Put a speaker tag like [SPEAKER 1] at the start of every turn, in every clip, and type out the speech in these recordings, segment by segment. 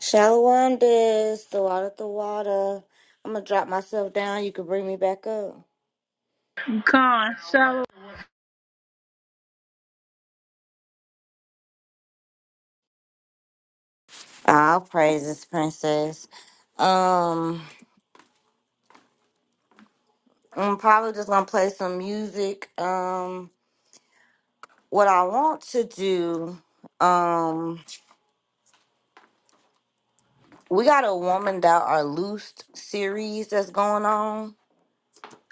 [SPEAKER 1] Shallow this, the out of the water. I'm gonna drop myself down. You can bring me back up.
[SPEAKER 2] Con, so
[SPEAKER 1] I'll praise this princess. Um, I'm probably just gonna play some music. Um, what I want to do, um, we got a woman that are loosed series that's going on.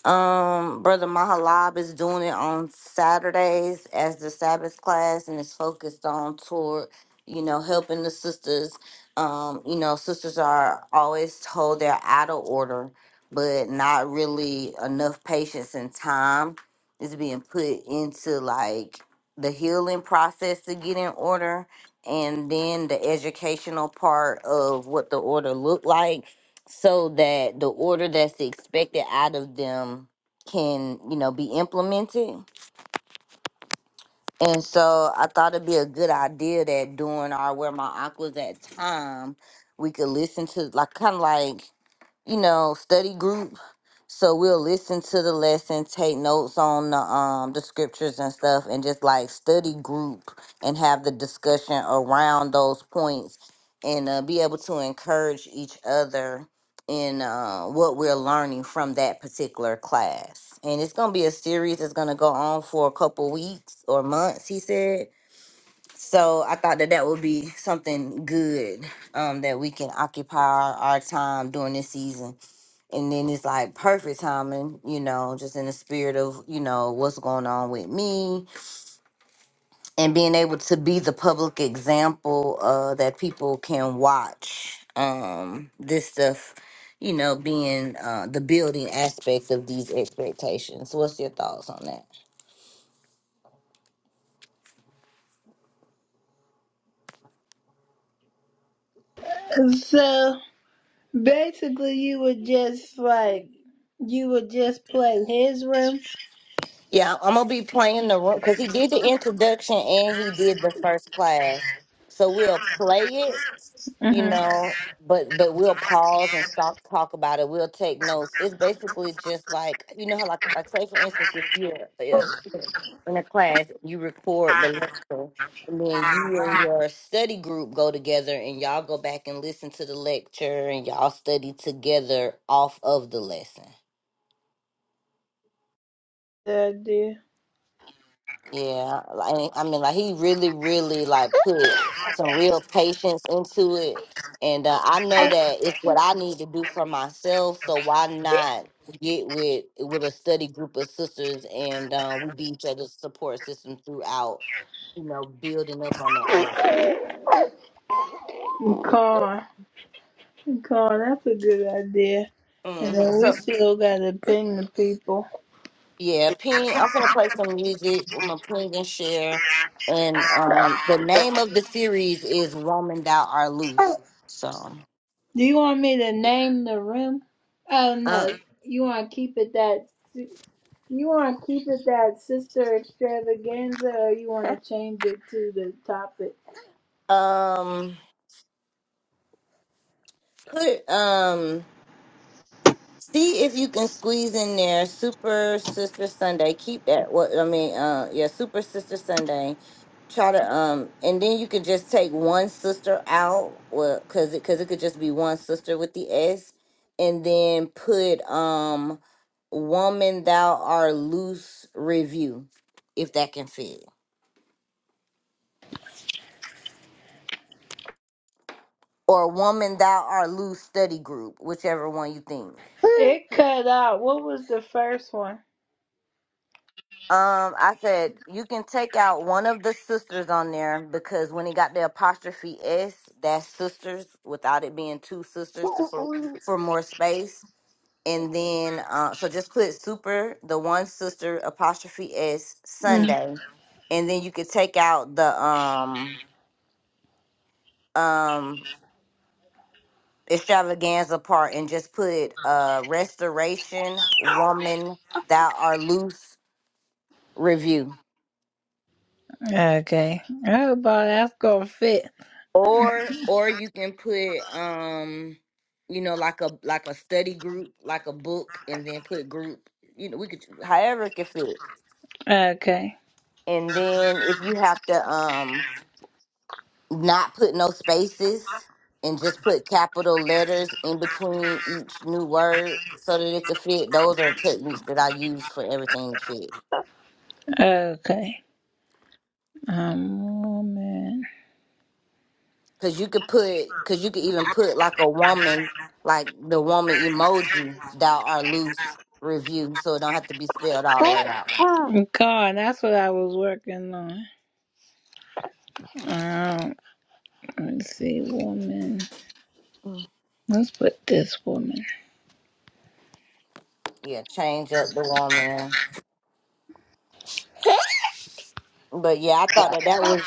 [SPEAKER 1] Um, Brother Mahalab is doing it on Saturdays as the Sabbath class, and it's focused on toward you know helping the sisters. Um, you know, sisters are always told they're out of order, but not really enough patience and time is being put into like the healing process to get in order, and then the educational part of what the order looked like so that the order that's expected out of them can, you know, be implemented. And so I thought it'd be a good idea that during our where my aquas at time, we could listen to like kind of like, you know, study groups so we'll listen to the lesson, take notes on the um the scriptures and stuff, and just like study group and have the discussion around those points, and uh, be able to encourage each other in uh, what we're learning from that particular class. And it's gonna be a series that's gonna go on for a couple weeks or months. He said. So I thought that that would be something good um, that we can occupy our, our time during this season and then it's like perfect timing, you know, just in the spirit of, you know, what's going on with me and being able to be the public example uh that people can watch um this stuff, you know, being uh the building aspect of these expectations. What's your thoughts on that?
[SPEAKER 2] so basically you would just like you would just play his room.
[SPEAKER 1] Yeah, I'm gonna be playing the room because he did the introduction and he did the first class. So we'll play it, you
[SPEAKER 2] hmm
[SPEAKER 1] know, but but we'll pause and stop talk about it. We'll take notes. It's basically just like you know how like like say for instance if you're a student in a class, you record the lecture and then you and your study group go together and y'all go back and listen to the lecture and y'all study together off of the lesson.
[SPEAKER 2] That idea.
[SPEAKER 1] Yeah, like I mean, like he really, really like put some real patience into it, and uh, I know that it's what I need to do for myself. So why not get with with a study group of sisters, and uh, we be each other's support system throughout. You know, building up on that. Work.
[SPEAKER 2] Con, con, that's a good idea. And
[SPEAKER 1] hmm
[SPEAKER 2] then we
[SPEAKER 1] So
[SPEAKER 2] still got to ping the people.
[SPEAKER 1] yeah,
[SPEAKER 2] The
[SPEAKER 1] ping.
[SPEAKER 2] ping,
[SPEAKER 1] I'm gonna
[SPEAKER 2] I'm
[SPEAKER 1] play
[SPEAKER 2] gonna
[SPEAKER 1] some
[SPEAKER 2] put the
[SPEAKER 1] music. I'm gonna
[SPEAKER 2] music
[SPEAKER 1] ping and share,
[SPEAKER 2] here,
[SPEAKER 1] and
[SPEAKER 2] and
[SPEAKER 1] um, the
[SPEAKER 2] um,
[SPEAKER 1] name of the
[SPEAKER 2] the
[SPEAKER 1] series is "Woman Thou Are
[SPEAKER 2] name.
[SPEAKER 1] Loose." So.
[SPEAKER 2] Do you want me to name the room? Oh
[SPEAKER 1] uh,
[SPEAKER 2] no, you want to keep it that. si, You want to keep it that sister extravaganza, or you want to change it to the topic?
[SPEAKER 1] Um, put um, see if you can squeeze in there Super Sister Sunday. Keep that. What I mean, uh, yeah, Super Sister Sunday. Try to um, and then you could just take one sister out, well, cause it cause it could just be one sister with the S, and then put um, woman thou art loose review, if that can fit, or woman thou art loose study group, whichever one you think.
[SPEAKER 2] It cut out. What was the first one?
[SPEAKER 1] Um, I said you can take out one of the sisters on there because when he got the apostrophe s, that's sisters without it being two sisters to for for more space. And then, uh, so just put super the one sister apostrophe s
[SPEAKER 2] Mm.
[SPEAKER 1] Sunday, and then you could take out the um um extravaganza part and just put uh restoration woman thou are loose review.
[SPEAKER 2] Okay, Oh, hope that's gonna fit.
[SPEAKER 1] Or or you can put um you know like a like a study group, like a book and then put group. You know, we could however it can fit.
[SPEAKER 2] Okay.
[SPEAKER 1] And then if you have to um not put no spaces and just put capital letters in between each new word so that it could fit. Those are techniques that I use for everything to fit.
[SPEAKER 2] Okay. Um, woman.
[SPEAKER 1] Cause you could put, cause you could even put like a woman, like the woman emoji dot or loose review, so it don't have to be spelled all the way out.
[SPEAKER 2] God, that's what I was working on. Um, let's see, woman. Let's put this woman.
[SPEAKER 1] Yeah, change up the woman. But yeah, I thought that that was.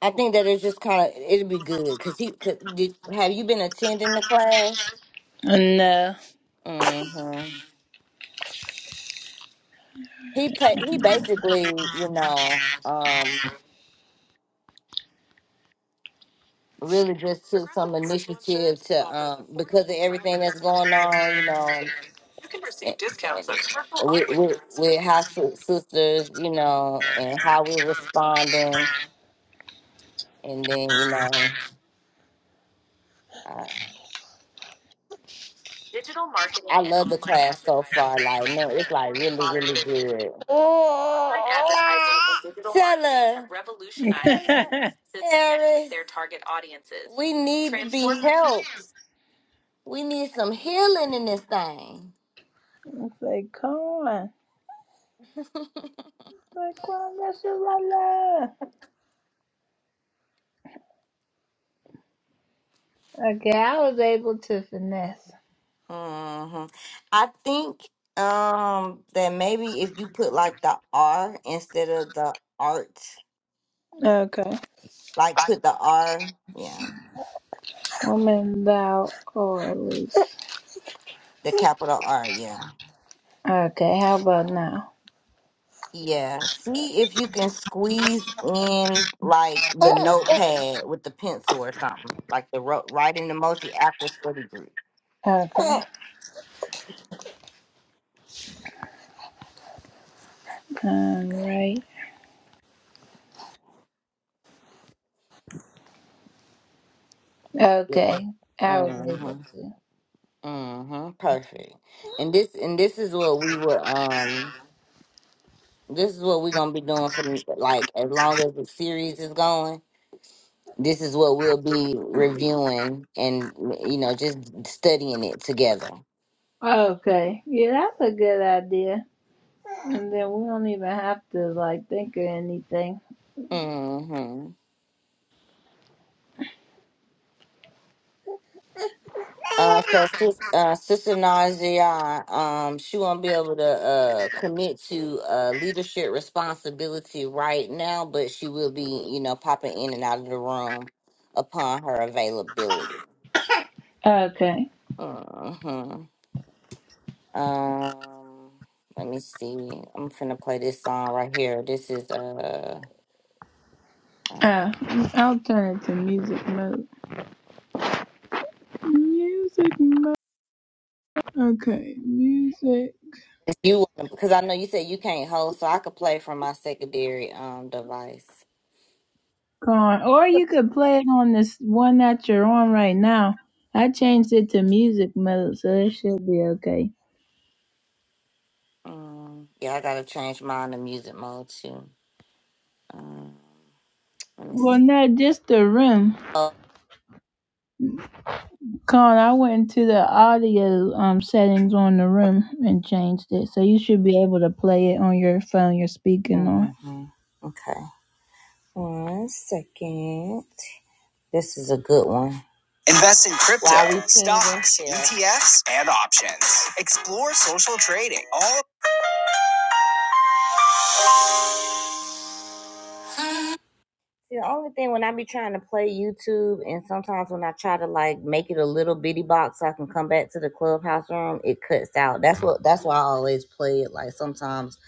[SPEAKER 1] I think that it's just kind of it'd be good. Cause he, cause, did, have you been attending the class?
[SPEAKER 2] No.
[SPEAKER 1] Mm-hmm. He pa- he
[SPEAKER 2] I
[SPEAKER 1] basically, you know, um, really just took on, you know, with how si- sisters, you know, and how we're responding and then you know I, I like no. We need help. We need some healing in this thing.
[SPEAKER 2] say, come on. Like, come on, that's a Okay, I was able to finesse.
[SPEAKER 1] hmm I think um that maybe if you put like the R instead of the art,
[SPEAKER 2] Okay.
[SPEAKER 1] like put the R, yeah,
[SPEAKER 2] Woman, thou or at least.
[SPEAKER 1] the capital R, yeah.
[SPEAKER 2] Okay, how about now?
[SPEAKER 1] Yeah, see if you can squeeze in like the notepad with the pencil or something, like the ro- writing emoji after study group.
[SPEAKER 2] Okay. All right. Okay, I was
[SPEAKER 1] Mhm.
[SPEAKER 2] able to.
[SPEAKER 1] Mm-hmm. Perfect. And this and this is what we were um this is what we're gonna be doing for the- like as long as the series is going. This is what we'll be reviewing and you know, just studying it together.
[SPEAKER 2] Okay. Yeah, that's a good idea. And then we don't even have to like think of anything.
[SPEAKER 1] Mm-hmm. Uh, so sis, uh, Sister Nadia, um, she won't be able to uh, commit to uh, leadership responsibility right now, but she will be, you know, popping in and out of the room upon her availability.
[SPEAKER 2] Okay.
[SPEAKER 1] hmm Um, let me see. I'm finna play this song right here. This is uh, uh,
[SPEAKER 2] Uh, I'll turn it to music mode. Music mode. Okay, music
[SPEAKER 1] you because I know you said you can't hold, so I could play from my secondary um device.
[SPEAKER 2] on. Or you could play it on this one that you're on right now. I changed it to music mode, so it should be okay.
[SPEAKER 1] Um, yeah, I gotta change mine to music mode too. Um, let me
[SPEAKER 2] Well,
[SPEAKER 1] see.
[SPEAKER 2] no, just the room.
[SPEAKER 1] Oh,
[SPEAKER 2] Con, I went to the audio um settings on the room and changed it, so you should be able to play it on your phone you're speaking on.
[SPEAKER 1] hmm Okay, one second. This is a good one. Invest in crypto, While we pinging. stocks, ETFs, and options. Explore social trading. All. See, the only thing when I be trying to play YouTube, and sometimes when I try to like make it a little bitty box, so I can come back to the clubhouse room. It cuts out. That's what. That's why I always play it. Like sometimes,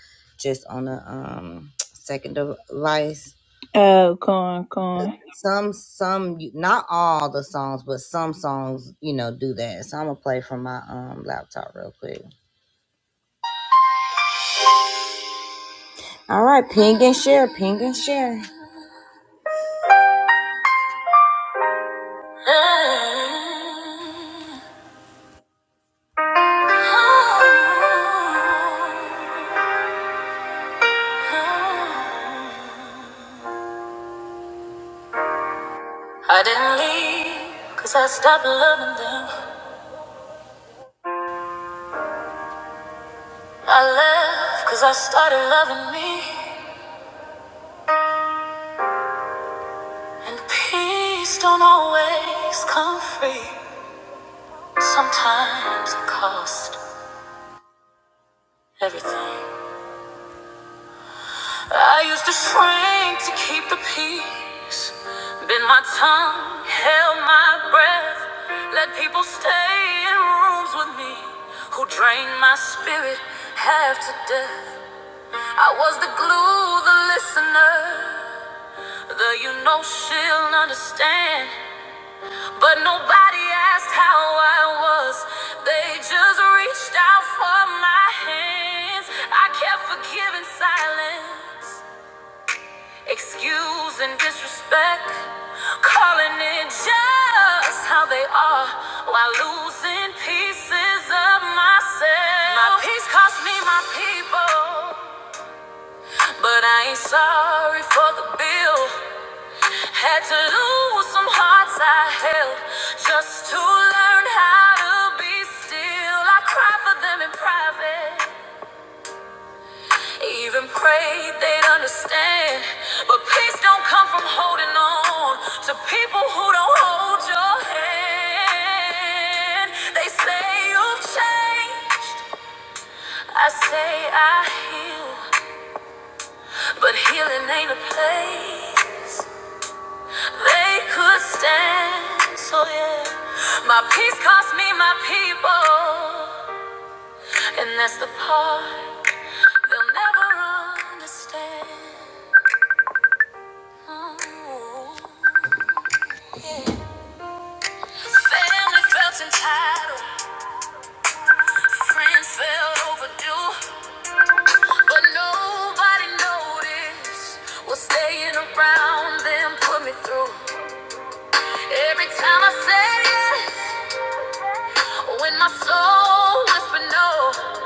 [SPEAKER 1] just on a um second device.
[SPEAKER 2] Oh, con, con,
[SPEAKER 1] Some, some, not all the songs, but some songs, you know, do that. So I'm gonna play from my um laptop real quick. All right, ping and share, ping and share. I didn't leave cause I stopped loving them. I left cause I started loving me. And peace don't always come free. Sometimes it costs everything. I used to shrink to keep the peace. Bit my tongue, held my breath. Let people stay in rooms with me who drained my spirit half to death. I was the glue, the listener, the you know she'll understand. But nobody asked how I was, they just reached out for my hands. I kept forgiving silence, excusing disrespect, calling it just how they are while losing pieces of myself. My peace cost me my people. But I ain't sorry for the bill. Had to lose some hearts I held just to learn how to be still. I cried for them in private, even prayed they'd understand. But peace don't come from holding on to people who don't hold your hand. They say you've changed. I say I heal, but healing ain't a place. They could stand, so yeah. My peace cost me my people, and that's the part they'll never understand. Ooh, yeah. Family felt entitled, friends felt overdue, but nobody noticed what staying around them put me through. Every time I said yes. When my soul whispered no,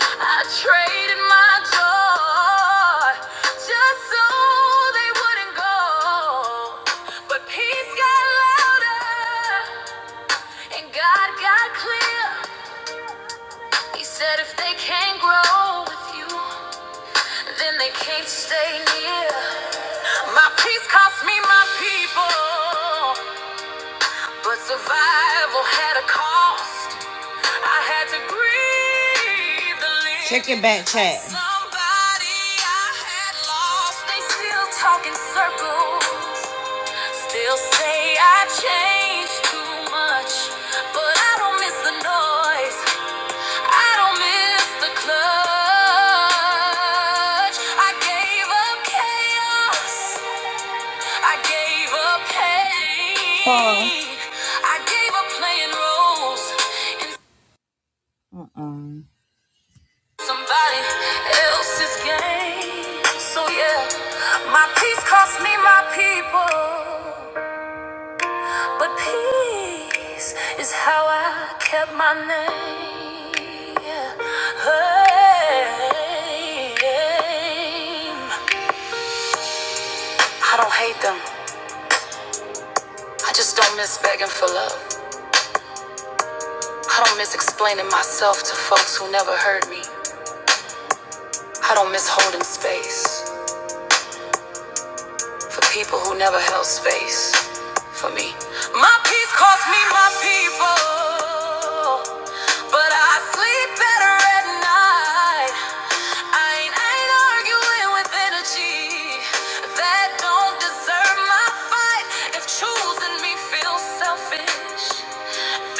[SPEAKER 1] I traded my joy just so they wouldn't go. But peace got louder and God got clear. He said if they can't grow with you, then they can't stay near. My peace cost me my people. But survival had a cost. I had to grieve the leak. Check your back chat. Somebody I had lost. They still talk in circles. Still say I changed too much. But I don't miss the noise. I don't miss the clutch. I gave up chaos. I gave up
[SPEAKER 2] con,
[SPEAKER 1] pain. I gave up playing roles in Mm-mm. somebody else's game. So yeah, my peace cost me my people, but peace is how I kept my name. Yeah. Hey, I don't hate them. I just don't miss begging for love. I don't miss explaining myself to folks who never heard me. I don't miss holding space. for people who never held space for me. My peace cost me my people, but I sleep better at night. I ain't, I ain't arguing with energy that don't deserve my fight. If choosing me feels selfish,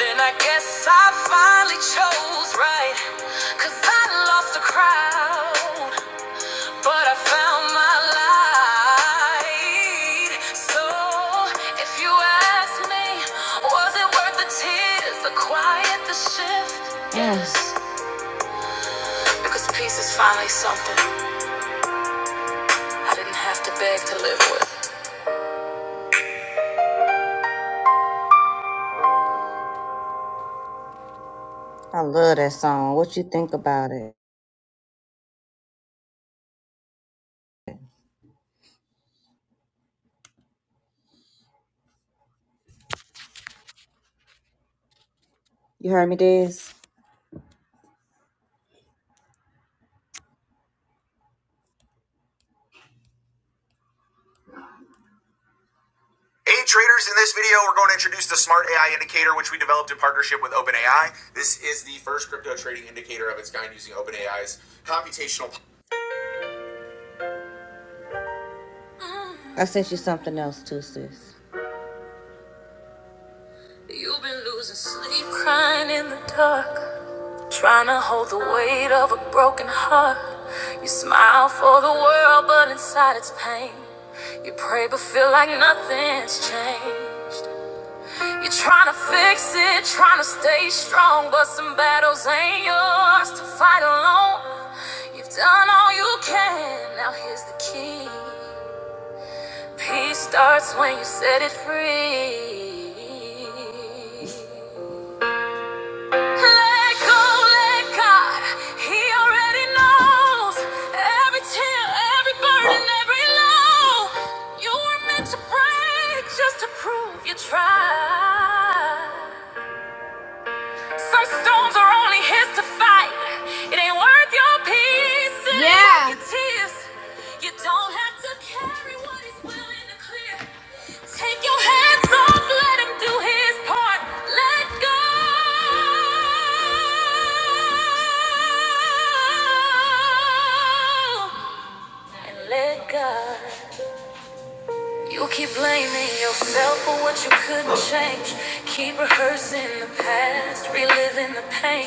[SPEAKER 1] then I guess I finally chose right. Cause I lost the crowd. But I found my light. So if you ask me, was it worth the tears, the quiet, the shift? Yes. Because peace is finally something I didn't have to beg to live with. I love that song. What you think about it? You heard me, Diz? Hey traders, in this video we're going to introduce the Smart AI Indicator which we developed in partnership with OpenAI. This is the first crypto trading indicator of its kind using OpenAI's computational I sent you something else too, sis. You've been losing sleep, crying in the dark, trying to hold the weight of a broken heart. You smile for the world, but inside it's pain. You pray, but feel like nothing's changed. You're trying to fix it, trying to stay strong, but some battles ain't yours to fight alone. You've done all you can, now here's the key. Peace starts when you set it free. Let go, let God. He already knows every tear, every burden, every low. You were meant to break just to prove you tried. Some storms are only his to fight. It ain't worth your peace. It ain't yeah. ain't worth your tears. You don't have to carry what is willing to clear. Take your hands off. Let him do his part. Let go. And let go. You keep blaming yourself for what you couldn't change. Keep rehearsing the past, reliving the pain.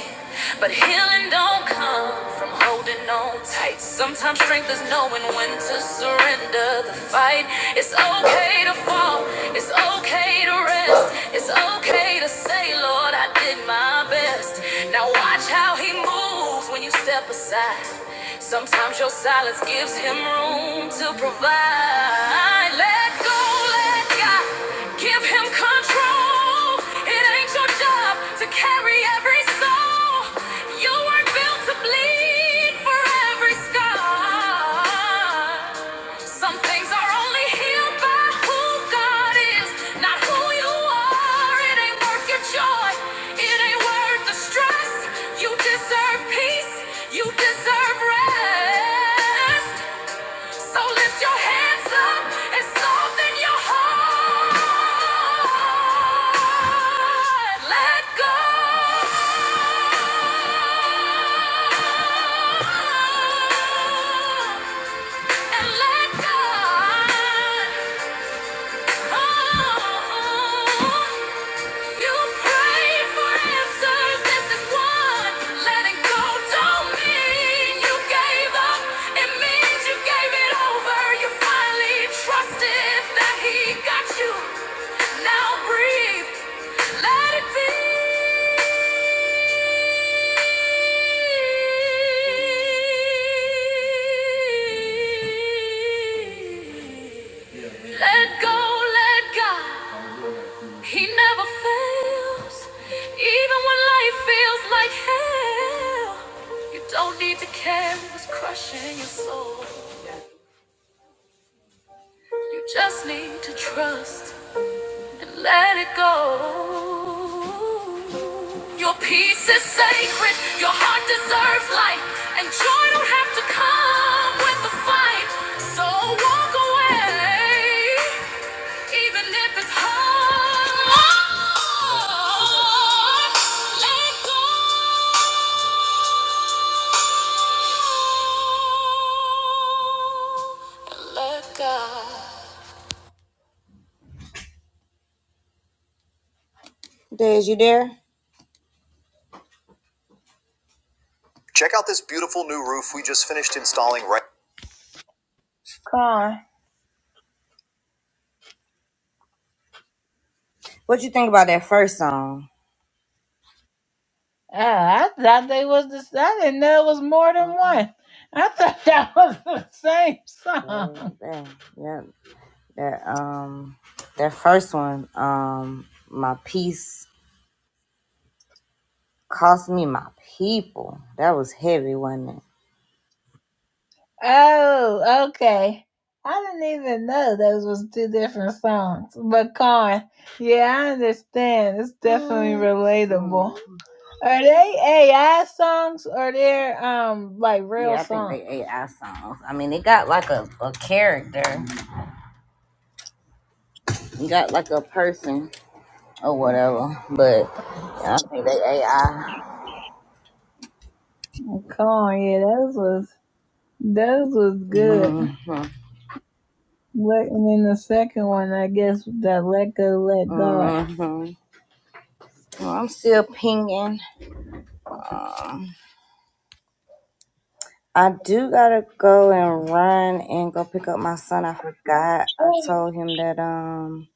[SPEAKER 1] But healing don't come from holding on tight. Sometimes strength is knowing when to surrender the fight. It's okay to fall, it's okay to rest. It's okay to say, Lord, I did my best. Now watch how He moves when you step aside. Sometimes your silence gives Him room to provide. Let go, let God. Give him control. It ain't your job to carry every soul. You weren't built to bleed for every scar. Some things are only healed by who God is, not who you are. It ain't worth your joy. It ain't worth the stress. You deserve peace. You deserve rest. So lift your hands up and soften your heart. Let go. And let God. Oh. oh, oh, you pray for answers. This is one. Letting go don't mean you gave up. It means you gave it over. You finally trusted that He got you. Now breathe. Let it be. Let go. Let God. He never fails, even when life feels like hell. You don't need to care what's crushing your soul. You just need to trust and let it go. Your peace is sacred, your heart deserves light, and joy don't have to come with the fight. So walk away. Even if it's hard, let go and let God. Dez, you there? Check out this beautiful new roof we just finished installing right.
[SPEAKER 2] con.
[SPEAKER 1] What you think about that first song?
[SPEAKER 2] Oh, I thought they was the. I I didn't know it was more than one. I thought that was the same song.
[SPEAKER 1] Dang, dang, yeah, that um, that first one, um, my peace cost me my people. That was heavy, wasn't
[SPEAKER 2] Oh, okay. I didn't even know those was two different songs. But con, yeah, I understand. It's definitely Mm.
[SPEAKER 1] it?
[SPEAKER 2] relatable. Are they AI songs or they're um like real
[SPEAKER 1] Yeah, I think
[SPEAKER 2] songs?
[SPEAKER 1] they AI songs. I mean, it got like a, a character, it got like a person or whatever, but yeah, I think they AI.
[SPEAKER 2] Come on, yeah, those was those was good.
[SPEAKER 1] Mm-hmm.
[SPEAKER 2] Let, and then the second one, I guess, that let go, let God.
[SPEAKER 1] Mm-hmm. Well, I'm still pinging. I do gotta go and run and go pick up my son. I forgot. I told him that um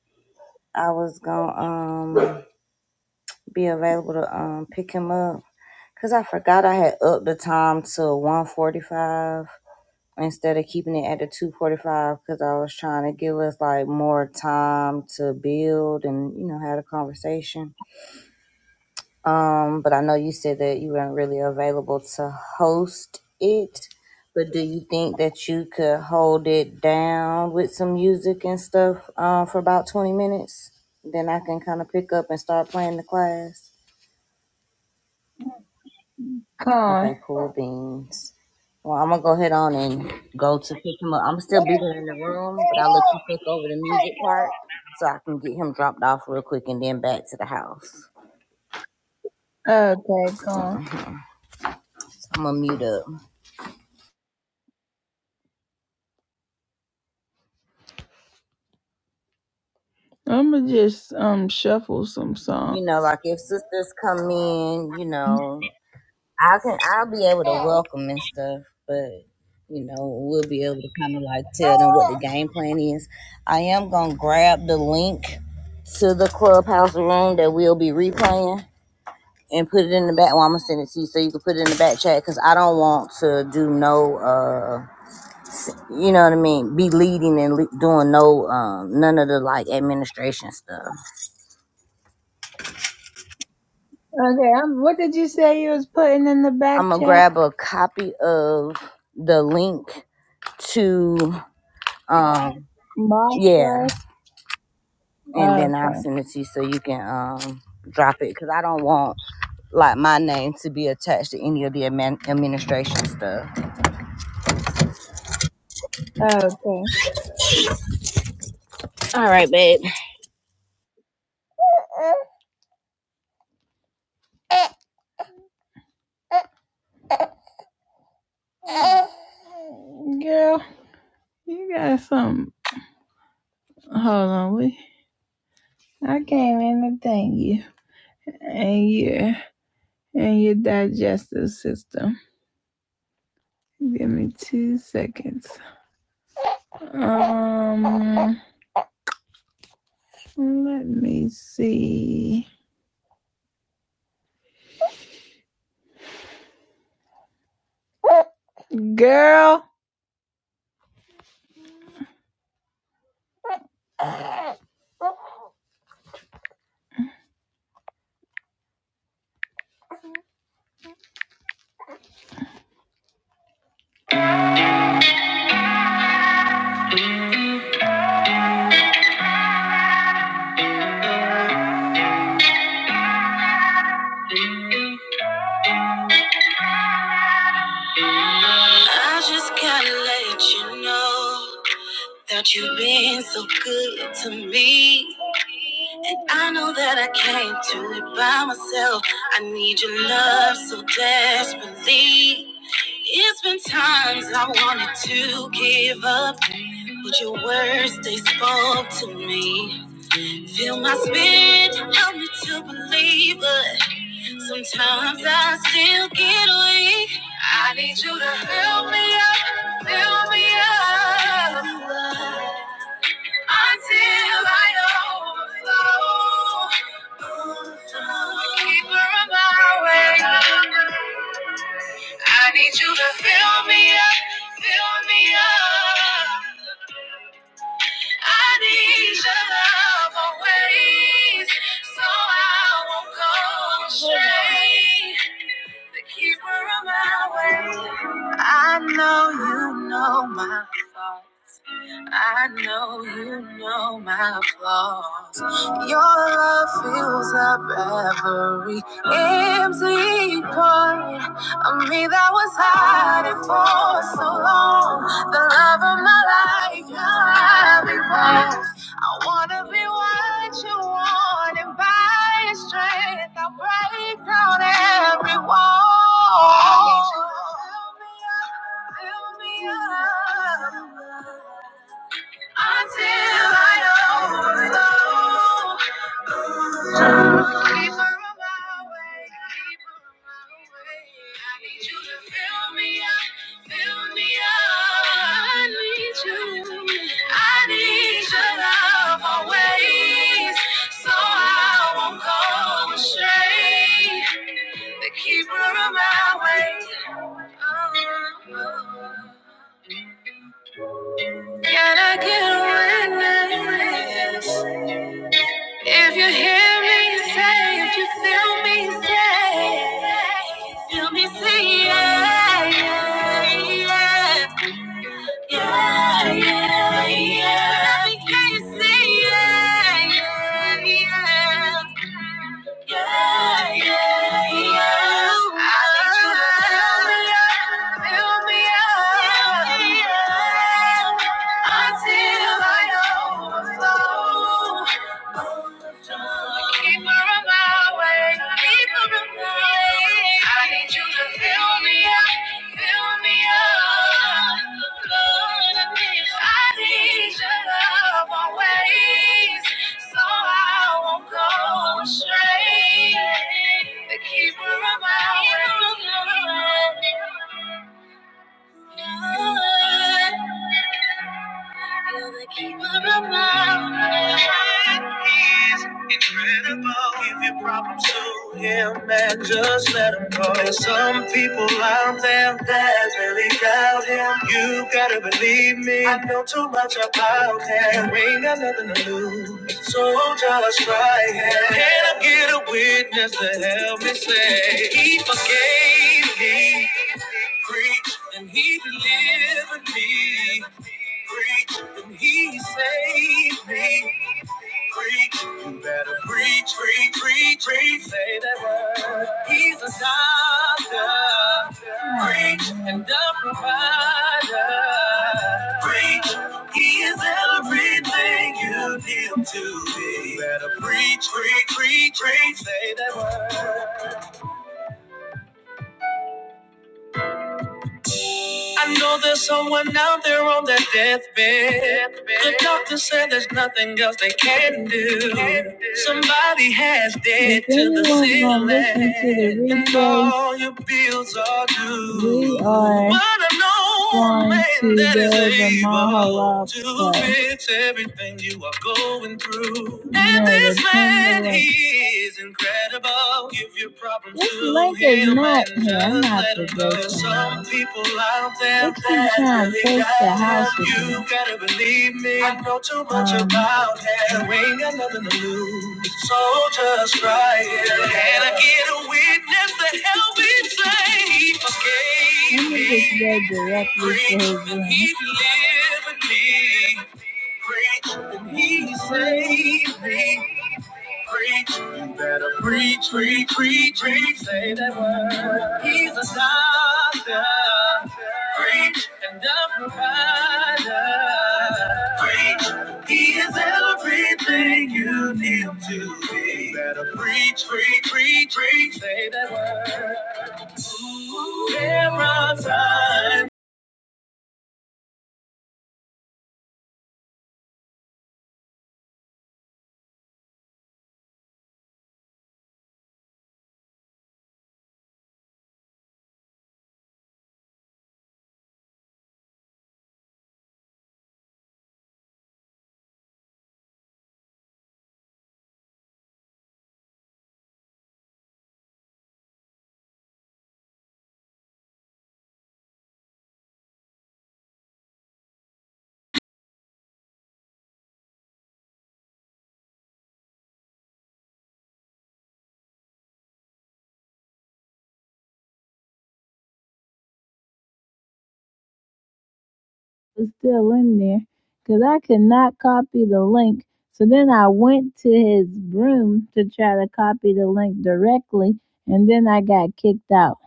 [SPEAKER 1] I was gonna um be available to um pick him up. Cause I forgot I had upped the time to 1:45. instead of keeping it at the 245 because I was trying to give us like more time to build and you know have a conversation. Um, but I know you said that you weren't really available to host it. But do you think that you could hold it down with some music and stuff um, for about 20 minutes? Then I can kind of pick up and start playing the class.
[SPEAKER 2] Come
[SPEAKER 1] Okay,
[SPEAKER 2] on.
[SPEAKER 1] cool beans. Well, I'm gonna go ahead on and go to pick him up. I'm still be here in the room, but I'll let you cook over the music part so I can get him dropped off real quick and then back to the house.
[SPEAKER 2] Okay, come on.
[SPEAKER 1] So I'm gonna mute up.
[SPEAKER 2] I'ma just um shuffle some
[SPEAKER 1] You know,
[SPEAKER 2] songs.
[SPEAKER 1] like if sisters come in, you know, I can I'll be able to
[SPEAKER 2] Okay,
[SPEAKER 1] welcome and stuff, but you know, we'll be able to kind of like tell them what the game plan is. I am gonna grab the link to the clubhouse room that we'll be replaying and put it in the back. Well, I'm gonna send it to you so you can put it in the back chat because I don't want to do no, uh, you know what I mean, be leading and le- doing no, um, none of the like administration stuff.
[SPEAKER 2] um, what did you say you was putting in the back
[SPEAKER 1] I'm gonna
[SPEAKER 2] chat?
[SPEAKER 1] grab a copy of the link to, um,
[SPEAKER 2] My
[SPEAKER 1] yeah,
[SPEAKER 2] class.
[SPEAKER 1] and then I'll
[SPEAKER 2] Okay.
[SPEAKER 1] send it to you so you can, um, drop it because I don't want like my name to be attached to any of the admin- administration stuff.
[SPEAKER 2] Okay.
[SPEAKER 1] All right, babe.
[SPEAKER 2] Girl, you got some. Hold on, we. I came in to thank you and your and your digestive system. Give me two seconds. Um, let me see. Girl. I just gotta let you know that you've been so good to me. I know that I can't do it by myself. I need your love so desperately. It's been times I wanted to give up, but your words they spoke to me. Fill my spirit, help me to believe, but sometimes I still get weak. I need you to fill me up, fill me up until I overflow. Keeper of my way. I need you to fill me up, fill me up. I need your love always, so I won't go astray. The keeper of my way. I know you know. my I know you know my flaws. Your love fills up every empty part of me that was hiding for so long. The love of my life, your love evolves. I wanna be what you want, and by your strength, I'll break down every wall. I need you to fill me up, fill me up until I overflow. Keep her on my way, keep her on my way. I need you to fill me up, fill me up. I need you, I need your love always, so I won't go astray. The keeper of my way. Oh, oh, oh. And I get a witness. If you hear me say, if you feel me say, feel me say, yeah, yeah, yeah, yeah, yeah, yeah. Let me hear you say, yeah, yeah, yeah. Yeah, yeah, yeah. I need you to fill me up, fill me up, fill me up until I overflow. Keep her on my way, keep her on my way. I need you to fill me up, fill me up. Lord, I need your love always, so I won't go astray. The keeper of my way. you're the keeper of my way. He's incredible. Give your problems to him and just let him go. There's some people out there that really doubt him. You gotta believe me. I know too much about him. You ain't got nothing to lose. So just try him. Can I get away witness to help me say he forgave me. Preach and he delivered me. Preach and he saved me. Preach, you better preach, preach, preach, preach. Say that word. He's a doctor. Preach and the provider. Preach he is everything you need him to be. Better preach, preach, preach, preach, say that word. I know there's someone out there on their deathbed. The doctor said there's nothing else they can do. Somebody has dead to the the ceiling, and all your bills are due. We are but I know a going man to that is able to fix everything you are going through. And Yeah, this man, like- he is incredible. Give your problems this to link is him is not and here. I'm not there's some people out there that really got love. You gotta believe me. I know too much um, about that. You ain't got nothing to lose, so just try it. Can I get a witness to help me say forgave me? directly to his Preach, room. He delivered me. Preach, and he saved me. Preach, you better preach, preach, preach, preach. Say that word. He's a doctor. Preach and a provider. Preach, he is everything you need him to be. You better preach, preach, preach, preach. Say that word. There are times was still in there because I could not copy the link. So then I went to his room to try to copy the link directly, and then I got kicked out.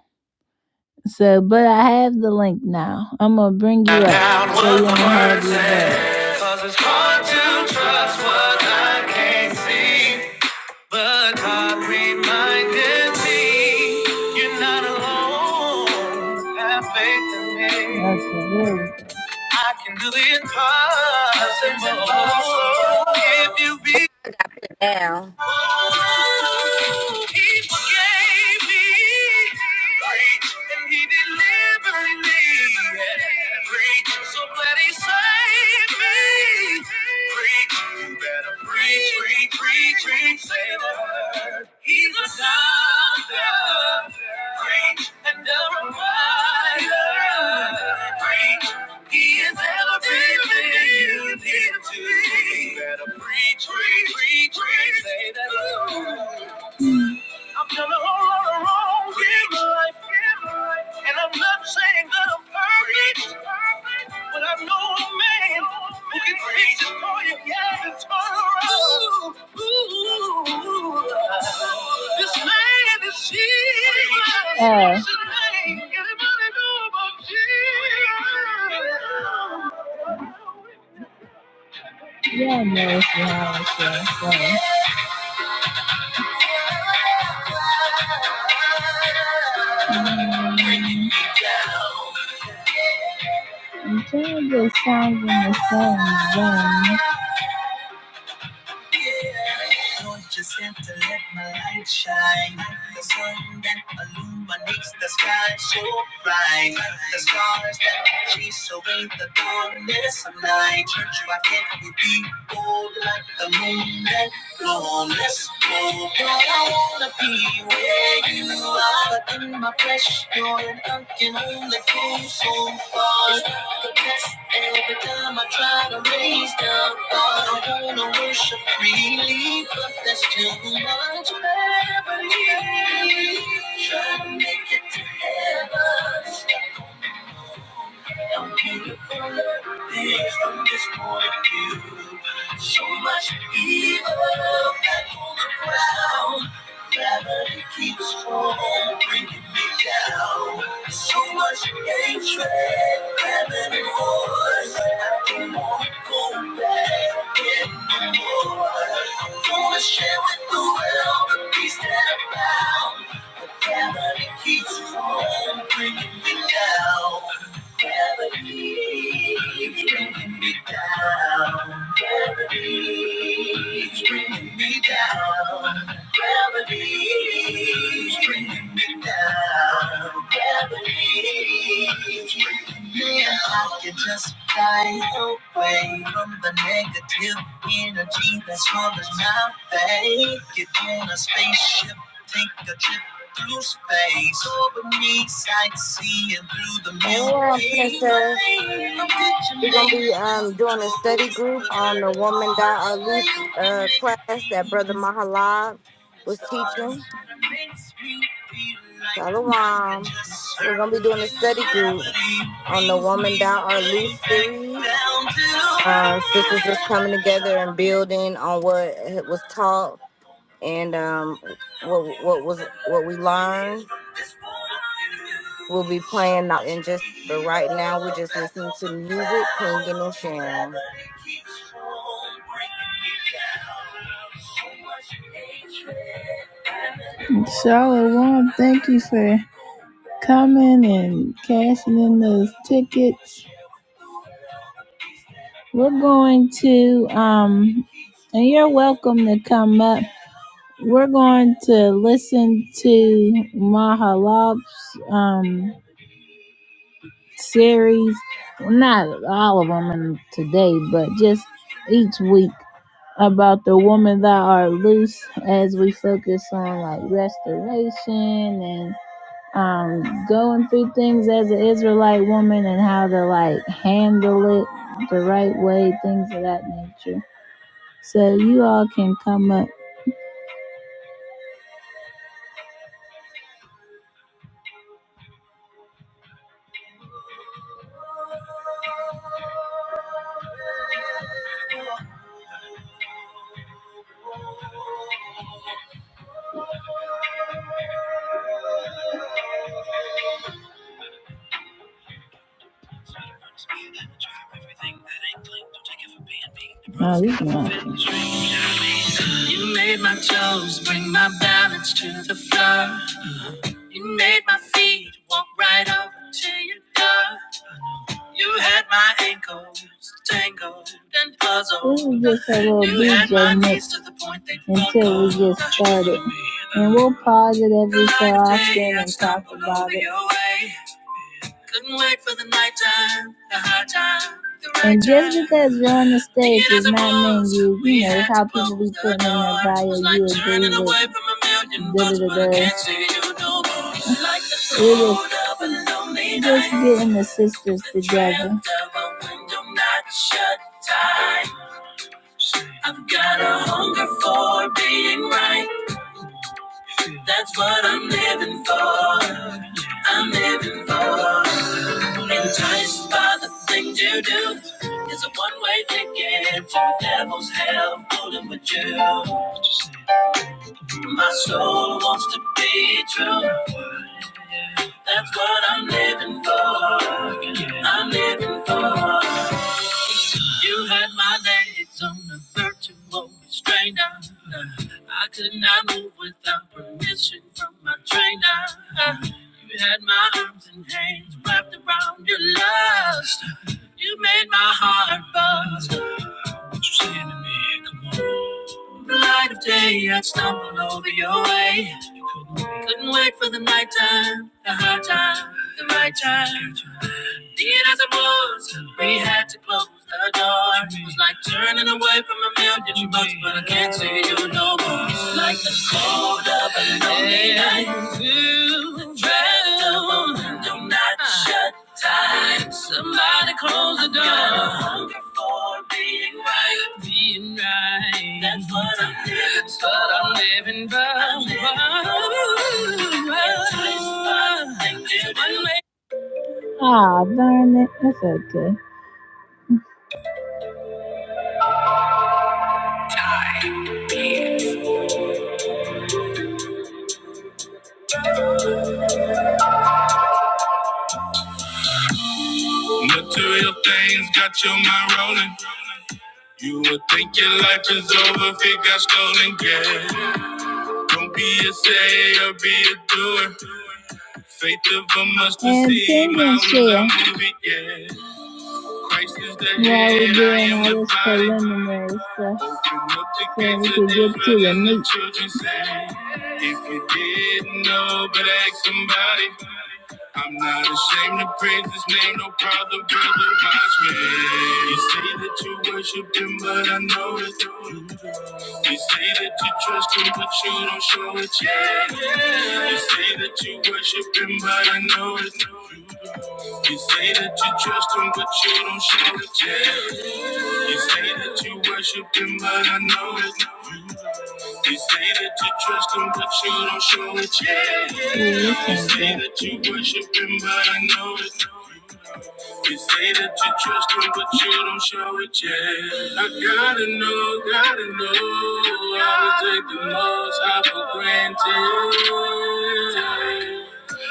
[SPEAKER 2] So, but I have the link now. I'm gonna bring you up so you don't have your says, it's hard to trust what I can't see. But God reminded me, you're not alone. Have faith in me. Okay, there we go. I can do the impossible. If you be he forgave me. Great, and he delivered me. Great, so glad he saved me. Great, you better preach, preach, preach, preach, save her. He's a doctor, great and a provider. Great. He is everything you need to be. Better preach, preach, preach, preach, say that. I'm telling all of the wrong things. And I'm not saying that I'm perfect, but I know a man who can fix it for you. Yeah, and turn around. Ooh, this man is Jesus. Yeah. Anybody know about Jesus? Yeah, no, it's not. It's not. It's not. Georgia sounds in the same vein. just have to let my light shine. The sun that illuminates the sky so bright. The stars that chase away the darkness of night. Why can't we be bold like the moon? that Lord, I wanna be where you are but in my flesh. you're an I can only go so far. It's like a test every time I try to raise the bar. I wanna worship freely, but that's too much. Beverly, Try to make it to heaven. Help you to fill up this point of view. So much evil that all around. Gravity keeps on bringing me down. So much hatred, famine and wars. I don't want to go back in no more. I wanna share with the world the peace that I found. Keeps bringing bringing me down. Gravity, bringing me me me down. down. down. Gravity. bringing me down. I can't Just fly away from the negative energy that's on my face. Get in a spaceship, take a trip through space. Over me, sightseeing through the
[SPEAKER 1] Follow on,
[SPEAKER 2] Milky Way.
[SPEAKER 1] princess.
[SPEAKER 2] A picture
[SPEAKER 1] We're gonna
[SPEAKER 2] make
[SPEAKER 1] be um doing
[SPEAKER 2] Pluto,
[SPEAKER 1] a study group
[SPEAKER 2] Jupiter,
[SPEAKER 1] on the
[SPEAKER 2] and
[SPEAKER 1] woman thou
[SPEAKER 2] Mars.
[SPEAKER 1] art loose
[SPEAKER 2] You can
[SPEAKER 1] uh
[SPEAKER 2] make
[SPEAKER 1] class that Brother
[SPEAKER 2] Venus
[SPEAKER 1] Mahalab
[SPEAKER 2] to the
[SPEAKER 1] was
[SPEAKER 2] stars.
[SPEAKER 1] teaching.
[SPEAKER 2] It makes me feel like I can
[SPEAKER 1] Shalom.
[SPEAKER 2] just
[SPEAKER 1] We're
[SPEAKER 2] surf
[SPEAKER 1] gonna be doing a
[SPEAKER 2] in
[SPEAKER 1] study group
[SPEAKER 2] gravity.
[SPEAKER 1] on the
[SPEAKER 2] Brings me
[SPEAKER 1] woman thou art loose
[SPEAKER 2] right back
[SPEAKER 1] series.
[SPEAKER 2] down to.
[SPEAKER 1] Uh, sisters just coming together and
[SPEAKER 2] Earth.
[SPEAKER 1] building on what was taught and um what what was what we learned. We'll be playing and just but right now we're just listening to music, pinging and sharing.
[SPEAKER 2] Charlotte Wong, thank you for coming and cashing in those tickets. We're going to um and you're welcome to come up. We're going to listen to Mahalop's um, series. Well, Not all of them in today, but just each week about the woman that are loose as we focus on like restoration and um, going through things as an Israelite woman and how to like handle it the right way, things of that nature. So you all can come up. Nah, we can watch it. You made my toes bring my balance to the floor. You made my feet walk right over to your door. You had my ankles tangled and puzzled. This is just a little DJ mix until we get started. And we'll pause it every so like often and talk about it. Couldn't wait for the nighttime, the high time. the right And just because you're on the stage does not mean you, you know, how people be putting in their bio, you agree with da-da-da-da. Just getting the sisters together. I've got a hunger for being right. That's what I'm living for. I'm living for. Enticed by the things you do. It's a one-way ticket to the devil's hell fooling with you. My soul wants to be true. That's what I'm living for. I'm living for. You had my legs on a virtual restrainer. I could not move without permission from my trainer. You had my arms and hands wrapped around your lust. You made my heart buzz. What you saying to me? Come on. The light of day, I'd stumble over your way. Couldn't wait for the night time, the hard time, the right time. Dead as it was, we had to close the door. It was like turning away from a million bucks, but I can't see you no more. Like the cold of a lonely night, the draft of a window not shut time. Somebody close the door. Got a hunger for being right. Being right. That's what I'm living. That's what I'm living for. I'm living for. It's Ah, darn it. That's okay. Material things got your mind rolling. You would think your life is over if it got stolen. Yeah. Don't be a sayer, be a doer. Faith of a mustard seed. Yeah, we're doing all this preliminary stuff so we can get to the meat. You didn't know, but ask somebody. I'm not ashamed to praise his name, no problem, brother. Watch me. You say that you worship him, but I know it. You say that you trust him, but you don't show it. Yeah, yeah. You say that you worship him, but I know it's no true. You say that you trust him, but you don't show it. Yeah. You say that you worship him, but I know it's no true. You say that you trust him, but you don't show it. Yeah, yeah. You say that you worship him, but I know it's no true. You say that you trust him, but you don't show it yet. I gotta know, gotta know how to take the most high for granted.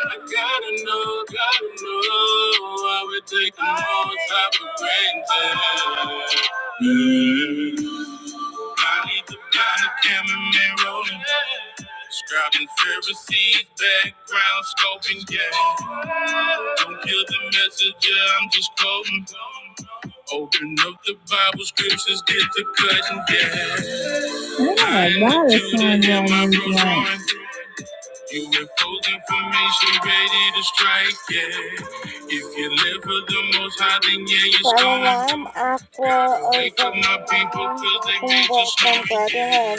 [SPEAKER 2] I gotta know, gotta know how we take the most high for granted. Yeah. I leave the blind examine man rolling. Scribing Pharisees, background scoping, yeah. Don't kill the messenger, I'm just quoting. Open up the Bible scriptures, get the cutting, yeah. Oh I my am the God, it Judah sounds in my like you in full information, ready to strike, yeah. If you live for the most high, then yeah, it's going. Gotta wake up my people, cause they made you snoring, yeah.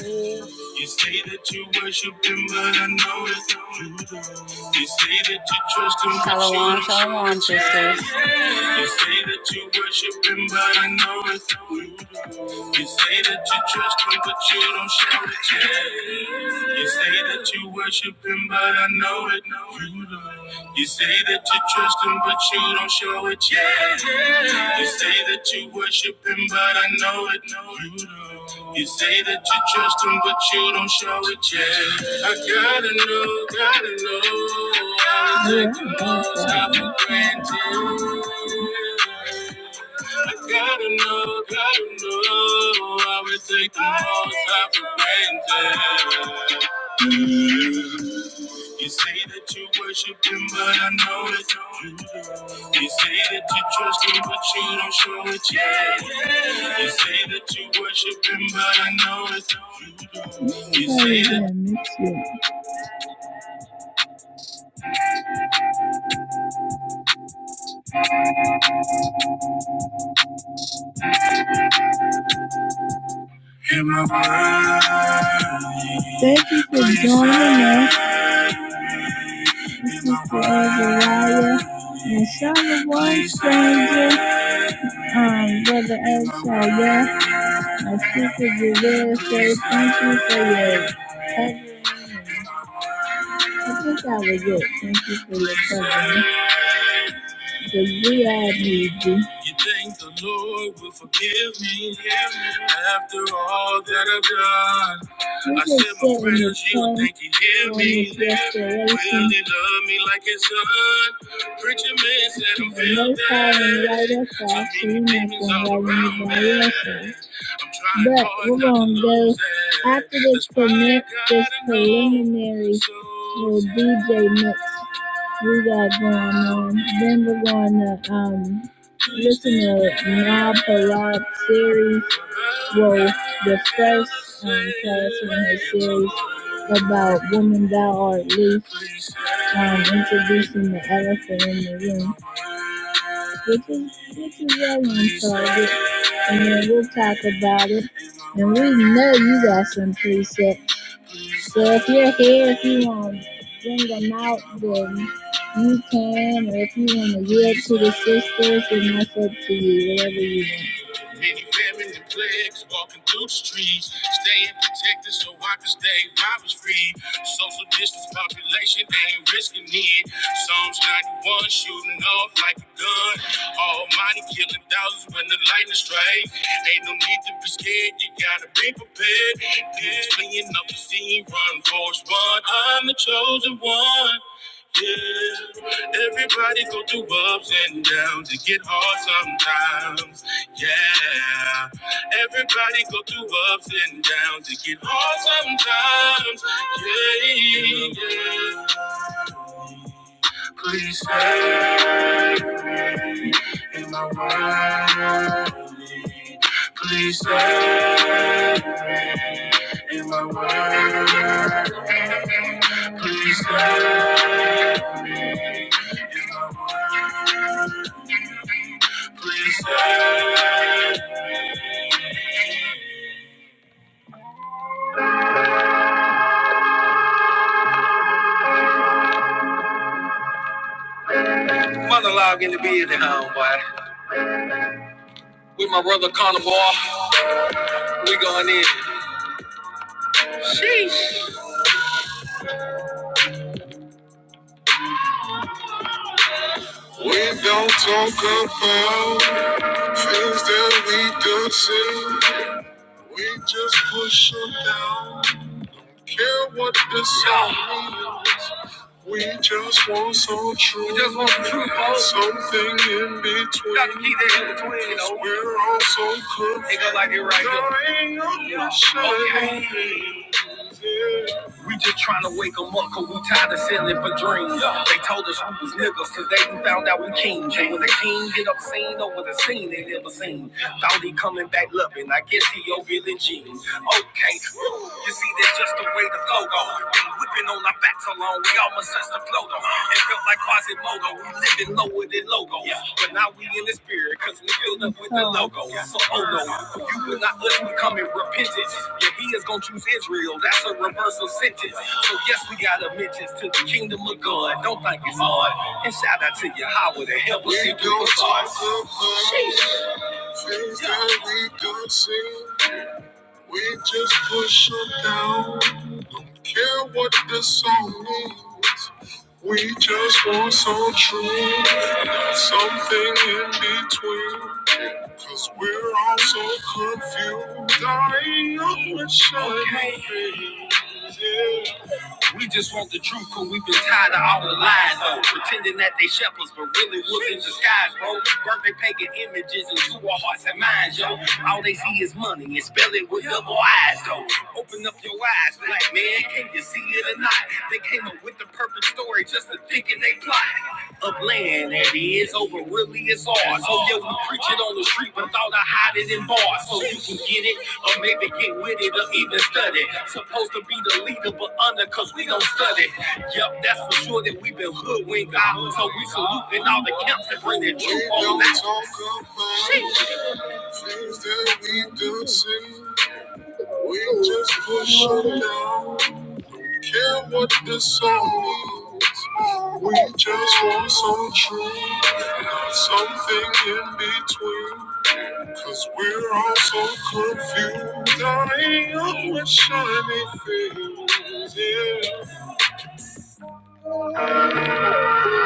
[SPEAKER 2] You say that you worship him, but I know it's not you. You say that you trust him, but you
[SPEAKER 3] Shalom,
[SPEAKER 2] don't show
[SPEAKER 3] shalom,
[SPEAKER 2] it yet.
[SPEAKER 3] sisters.
[SPEAKER 2] You say that you worship him, but I know it's not you. You say that you trust him, but you don't show it yet. You say that you worship him, but I know it. No, you don't. You say that you trust him, but you don't show it yet. You say that you worship him, but I know it. You do You say that you trust him, but you don't show it yet. I gotta know, gotta know. Take the most out for granted. I gotta know, gotta know. I would take the most out for granted. You say that you worship him, but I know it. You say that you trust him, but you don't show it yet. You say that you worship him, but I know it. You say that. Hear my voice. Thank you for joining us. This is the Azariah and Shalom Stranger. Um, Brother El Shaya, my sister Julia says thank you for your I think that was it. Thank you for your time. Cause we all need you. You think the Lord will forgive me after all that I've done? We I just said my sit in your prayers, you presence think He hear me? Will He love me like His son? Preacher man said I'm The and right bad. So many demons nothing right around me. I'm trying But hard we're not to gonna go lose it. after this That's why I prelimin- gotta this know preliminary so little DJ mix we got going on. Then we're going to um, listen to Mal Palat series. Well, the first um, class in her series about women thou art least, um, introducing the elephant in the room, which is which is well on target. And then we'll talk about it. And we know you got some presets. So if you're here, if you want to bring them out, then you can. Or if you want to yield to the sisters, then that's up to you. Whatever you want. Many famine and plagues walking through the streets, staying protected so I can stay robbers free. Social distance population ain't risking it. Psalms 91 shooting off like a gun. Almighty killing thousands when the lightning strikes. Ain't no need to be scared, you gotta be prepared. Niggas playing up the scene, run, force, run. I'm the chosen one. Yeah, everybody go through ups and downs. It get hard sometimes. Yeah, everybody go through ups and downs. It get hard sometimes. Yeah, yeah. Please say my word. Please say my word. Please say. Monologue in the building, homeboy. With my brother Connor Boy, we going in. Sheesh. We don't talk about things that we don't say. We just push them down. do truth. We just want the truth, folks. Something in between. Gotta keep that in between, you know. we are all so confused. It go like it right here. Dying of the shame. Okay. We just trying to wake 'em up, cause we tired of settling for dreams. They told us we was niggas, cause they found out we kings. And when the king get obscene over the scene they never seen. Thought he coming back loving, I guess he over Billy Jean. Okay, you see, there's just a way to go. go. Been whipping on our backs alone, we almost touched the flow though. It felt like Quasimodo, we living low with the logo. But now we in the spirit, cause we filled up with the logo. So, oh no, you will not let me come in repentance. Yeah, he is gonna choose Israel, that's a reversal sentence. So, yes, we got a to the kingdom of God. Don't think it's hard. And shout out to Yahweh to help us see through the facade. we don't see. We just push it down. Don't care what the song means. We just want some truth, not something in between. Cause we're all so confused. I know it's shining. We just want the truth, cause we've been tired of all the lies, though. Pretending that they shepherds, but really wolves in disguise, bro. Burn their pagan images into our hearts and minds, yo. All they see is money and spell it with double eyes, though. Open up your eyes, black man, can you see it or not? They came up with the perfect story just to think in they plot of land that is over really is ours. So yeah, we preach it on the street, but thought I hide it in bars. So you can get it, or maybe get with it, or even study. Supposed to be the leader, but under, cause we don't study. Yep, that's for sure that we've been hoodwinked out. So we saluting all the camps that bring the truth on out. Sheesh. We just push it down. Don't care what the song is. We just want some truth, not something in between. Cause we're all so confused. I am with shiny Yeah.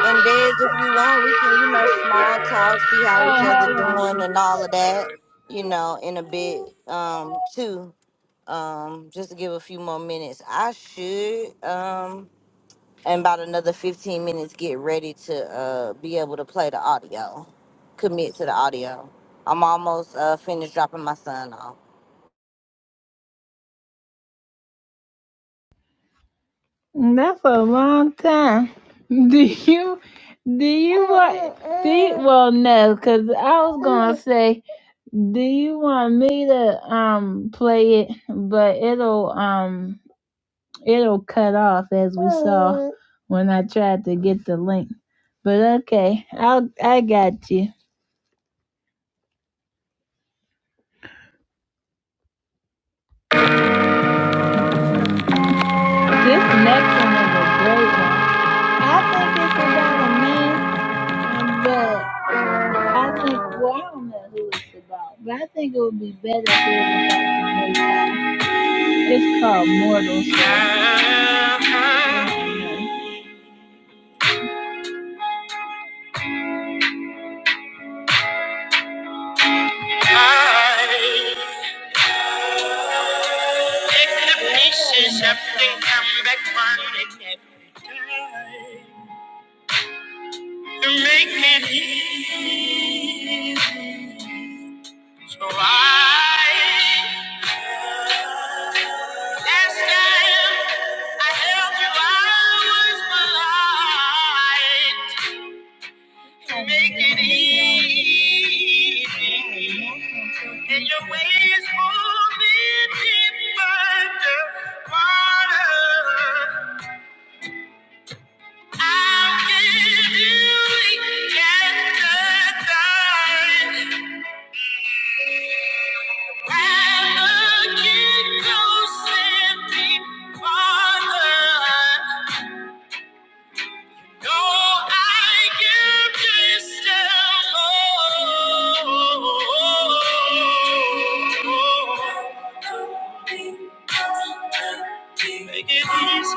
[SPEAKER 1] And there's if you want, we can, you know, small talk, see
[SPEAKER 2] Oh,
[SPEAKER 1] how each other
[SPEAKER 2] hold
[SPEAKER 1] doing and all of that, you know, in a bit, um, too. Um, just to give a few more minutes. I should, um, in about another 15 minutes, get ready to uh be able to play the audio, commit to the audio. I'm almost uh finished dropping my son off.
[SPEAKER 2] on. That's a long time. Do you? Do you want? Do you, well, no, because I was gonna say. Do you want me to um play it? But it'll um it'll cut off as we saw when I tried to get the link. But okay, I'll I got you. This next one is a great one. I think it's about a man, but I think well I don't know who it's about, but I think it would be better if it was about the man. It's called Mortal. Sin. I pick the pieces up and come back running every time to make it easy. So I, last time I held you, I was blind. Make it easy. And your ways will me deep under water. I'll give you eternal life. Rather get close and deep water. No, I give crystal more. Make it easy.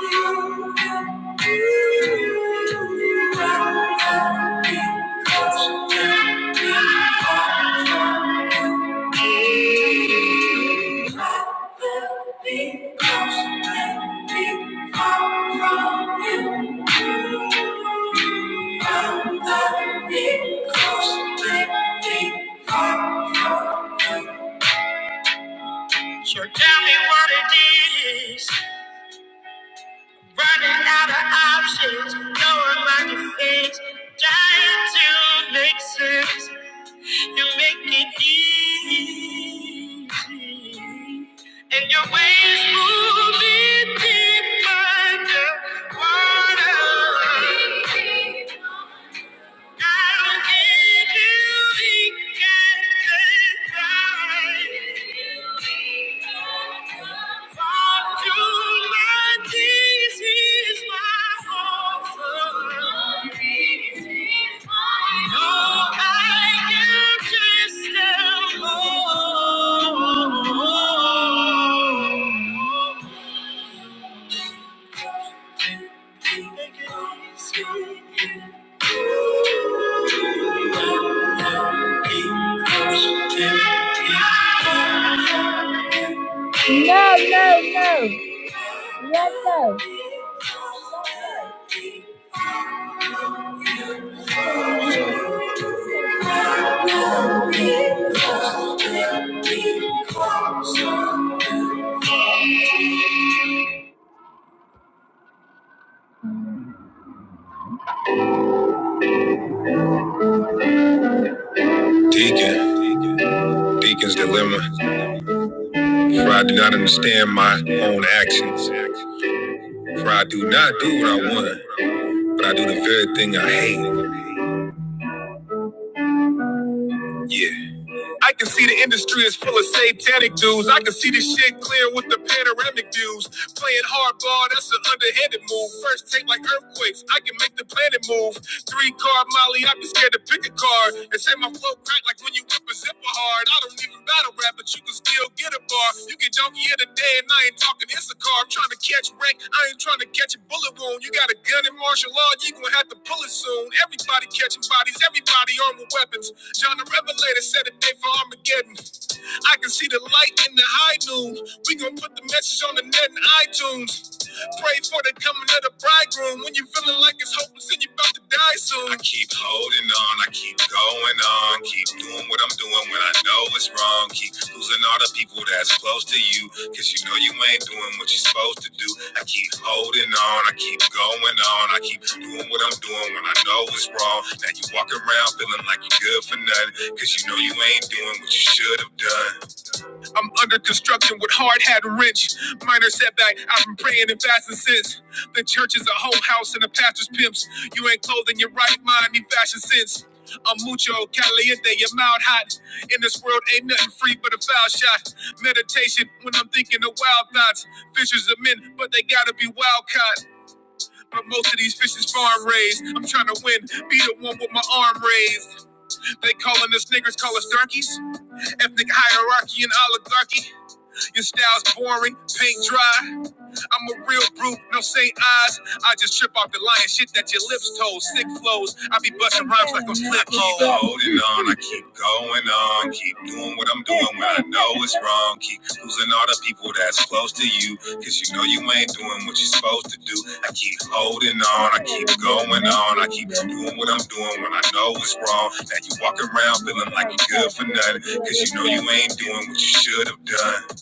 [SPEAKER 2] So tell me what it is. Running out of options, knowing my defense. Trying to make sense. You make it easy. And your ways move me deeper underwater. I'll give you pink and goodbye. For two is my offer. No, I can just tell more. No, no, no. Let go. For I do not want, but I do the very thing I hate. Yeah. I can see the industry is full of satanic dudes. I can see the shit clear with the panoramic views. Playing hardball, that's an underhanded move. First take like earthquakes, I can make the planet move. Three car molly, I be scared to pick a car. And say my flow crack like when you whip a zipper hard. I don't even battle rap, but you can still get a bar. You can junkie here today, and I ain't talking Issachar. as close to you because you know you ain't doing what you're supposed to do i keep holding on i keep going on i keep doing what i'm doing when i know it's wrong now you walk around feeling like you're good for nothing because you know you ain't doing what you should have done i'm under construction with hard hat wrench minor setback i've been praying and fasting since the church is a whole house and the pastor's pimps you ain't clothing your right mind need fashion sense I'm mucho caliente, your mouth hot. It rhymes like a flip mode. Holding on, I keep going on. Keep doing what I'm doing when I know it's wrong. Keep losing all the people that's close to you. Cause you know you ain't doing what you're supposed to do. I keep holding on, I keep going on. I keep doing what I'm doing when I know it's wrong. Now you walk around feeling like you're good for nothing. Cause you know you ain't doing what you should have done. You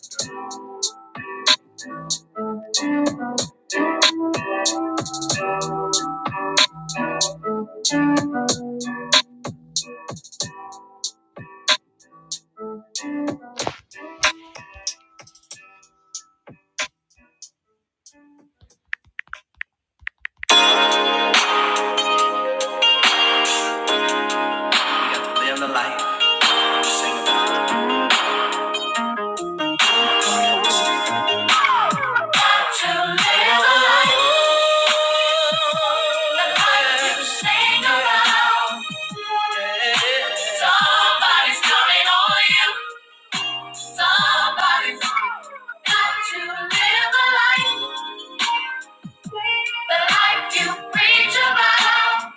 [SPEAKER 2] got to live the life. Live the life. Sing around. Somebody's counting on you. Somebody's got to live the life, the life you preach about.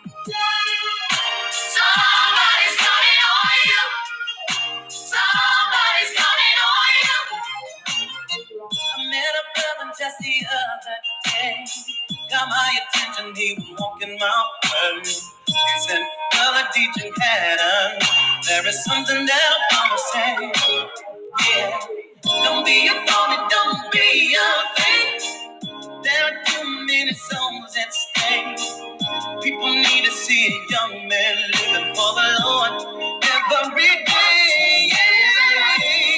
[SPEAKER 2] Somebody's counting on you. Somebody's counting on you. I met a brother just the other day. Got my attention, he was walking my way. He said, Brother teaching pattern. There is something that I wanna say. Yeah. Don't be a phony, don't be a fake. There are too many souls at stake. People need to see a young man living for the Lord every day. Yeah,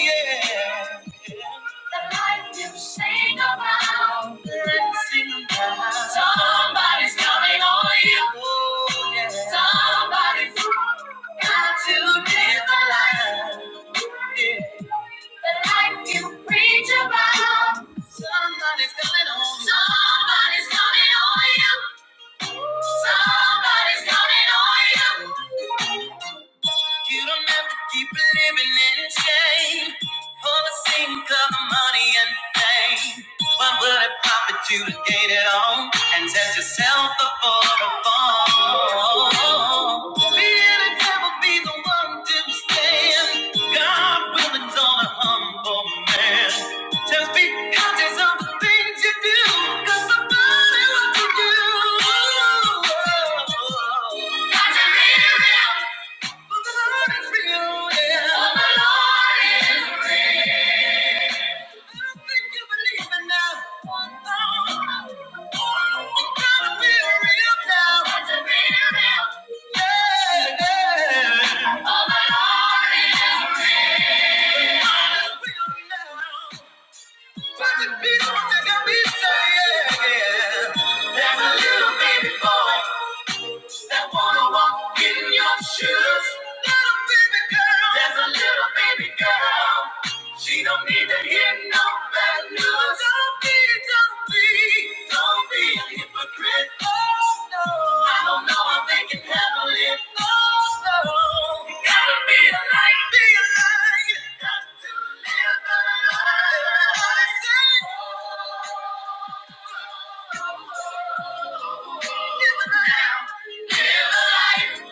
[SPEAKER 2] yeah. The life you sing about, let's sing about. Somebody's counting on you. Oh, yeah. Somebody's got to live the life. Yeah. The life you preach about. Somebody's coming on. you. Somebody's coming on you. Somebody's counting on you. You don't have to keep living in shame for the sake of the money and fame. What would it profit you to gain it all and test yourself before the fall? Be the devil, be the one to stand. God will exalt a humble man. Just be conscious of the things you do, 'cause somebody will do. Got to live it out. People think I'll be saying, yeah, yeah. there's a little baby boy. that wanna walk in your shoes. Little baby girl, there's a little baby girl. She don't need to hear no bad news. Don't be, don't be, don't be a hypocrite. Oh no, I don't know if they can handle it. Oh no, you gotta be a light, be a light. You got to live the light. Live the life.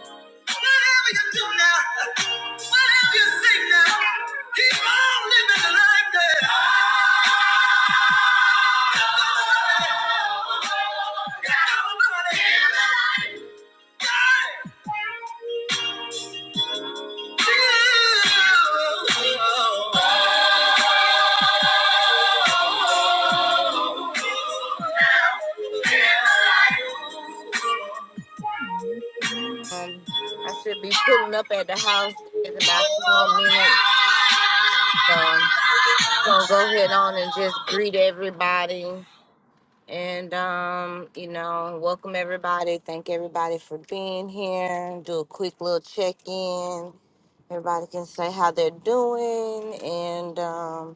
[SPEAKER 1] I should be pulling up at the house in about a few more minutes. So just gonna go ahead on and just greet everybody And um, you know, welcome everybody. Thank everybody for being here. Do a quick little check-in. Everybody can say how they're doing, and um,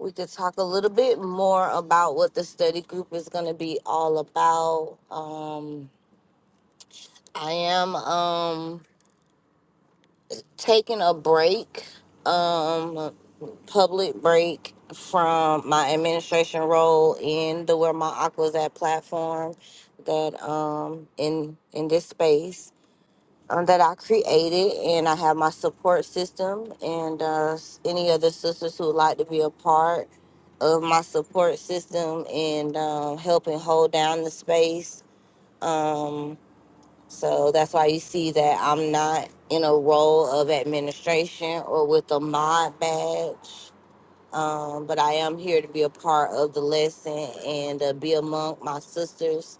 [SPEAKER 1] we could talk a little bit more about what the study group is going to be all about. Um, I am. Um, taking a break, um, public break from my administration role in the Where My Aqua's At platform that um in in this space um, that I created and I have my support system and uh, s- any other sisters who would like to be a part of my support system and um, helping hold down the space. Um, so that's why you see that I'm not in a role of administration or with a mod badge. Um, but I am here to be a part of the lesson and uh, be among my sisters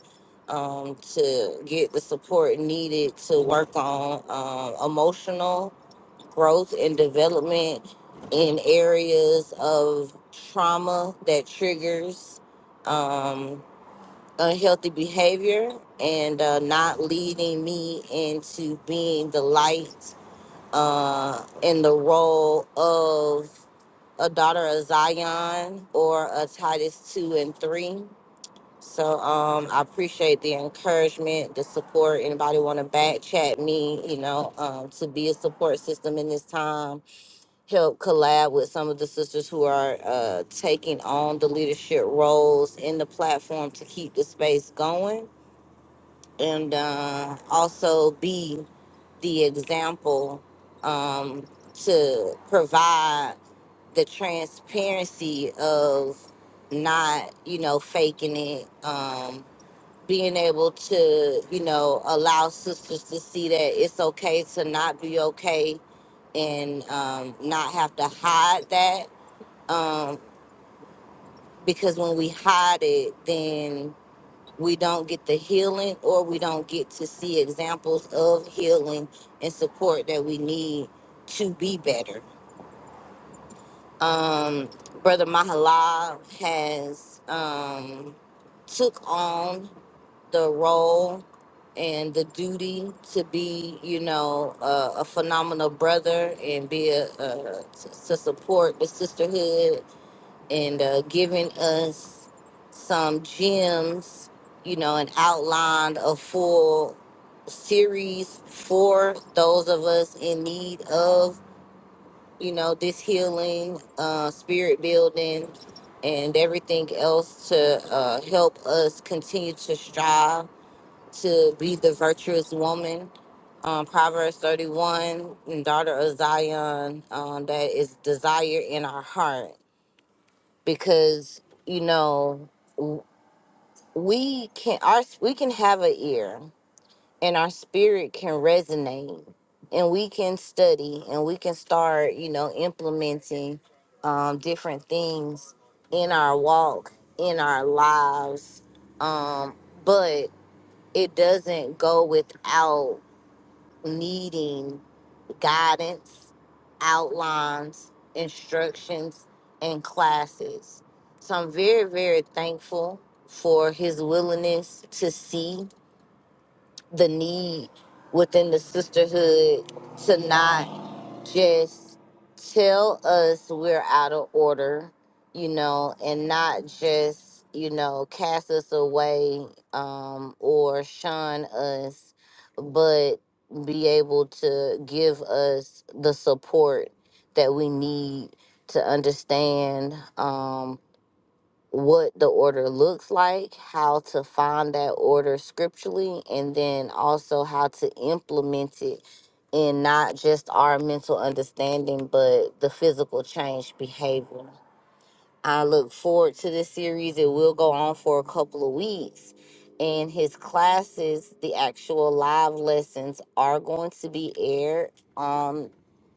[SPEAKER 1] um, to get the support needed to work on um, emotional growth and development in areas of trauma that triggers. Um, unhealthy behavior and uh, not leading me into being the light uh, in the role of a daughter of Zion or a Titus 2 and 3. So um, I appreciate the encouragement, the support. Anybody want to back chat me, you know, um, to be a support system in this time, help collab with some of the sisters who are uh, taking on the leadership roles in the platform to keep the space going and uh, also be the example um, to provide the transparency of not, you know, faking it, um, being able to, you know, allow sisters to see that it's okay to not be okay and um, not have to hide that. Um, because when we hide it, then we don't get the healing or we don't get to see examples of healing and support that we need to be better. Um, Brother Mahalal has um, took on the role and the duty to be, you know, a, a phenomenal brother and be a, a to to support the sisterhood and uh, giving us some gems, you know, and outlined a full series for those of us in need of, you know, this healing, uh, spirit building, and everything else to uh, help us continue to strive to be the virtuous woman. Um, Proverbs 31, and daughter of Zion, um, that is desire in our heart because you know w- we can our we can have an ear and our spirit can resonate and we can study and we can start you know implementing um, different things in our walk in our lives um, but it doesn't go without needing guidance, outlines, instructions, and classes. So I'm very, very thankful for his willingness to see the need within the sisterhood to not just tell us we're out of order, you know, and not just, you know, cast us away um, or shun us, but be able to give us the support that we need to understand um, what the order looks like, how to find that order scripturally, and then also how to implement it in not just our mental understanding, but the physical change behavior. I look forward to this series. It will go on for a couple of weeks. And his classes, the actual live lessons, are going to be aired on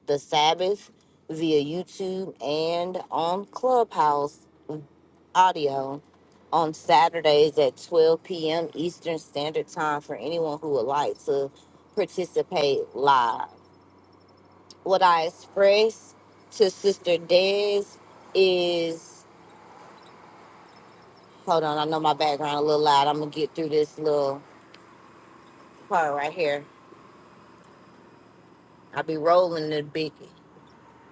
[SPEAKER 1] the Sabbath via YouTube and on Clubhouse audio on Saturdays at 12 p.m. Eastern Standard Time for anyone who would like to participate live. What I express to Sister Des is hold on, I know my background a little loud. I'm gonna get through this little part right here. I'll be rolling the big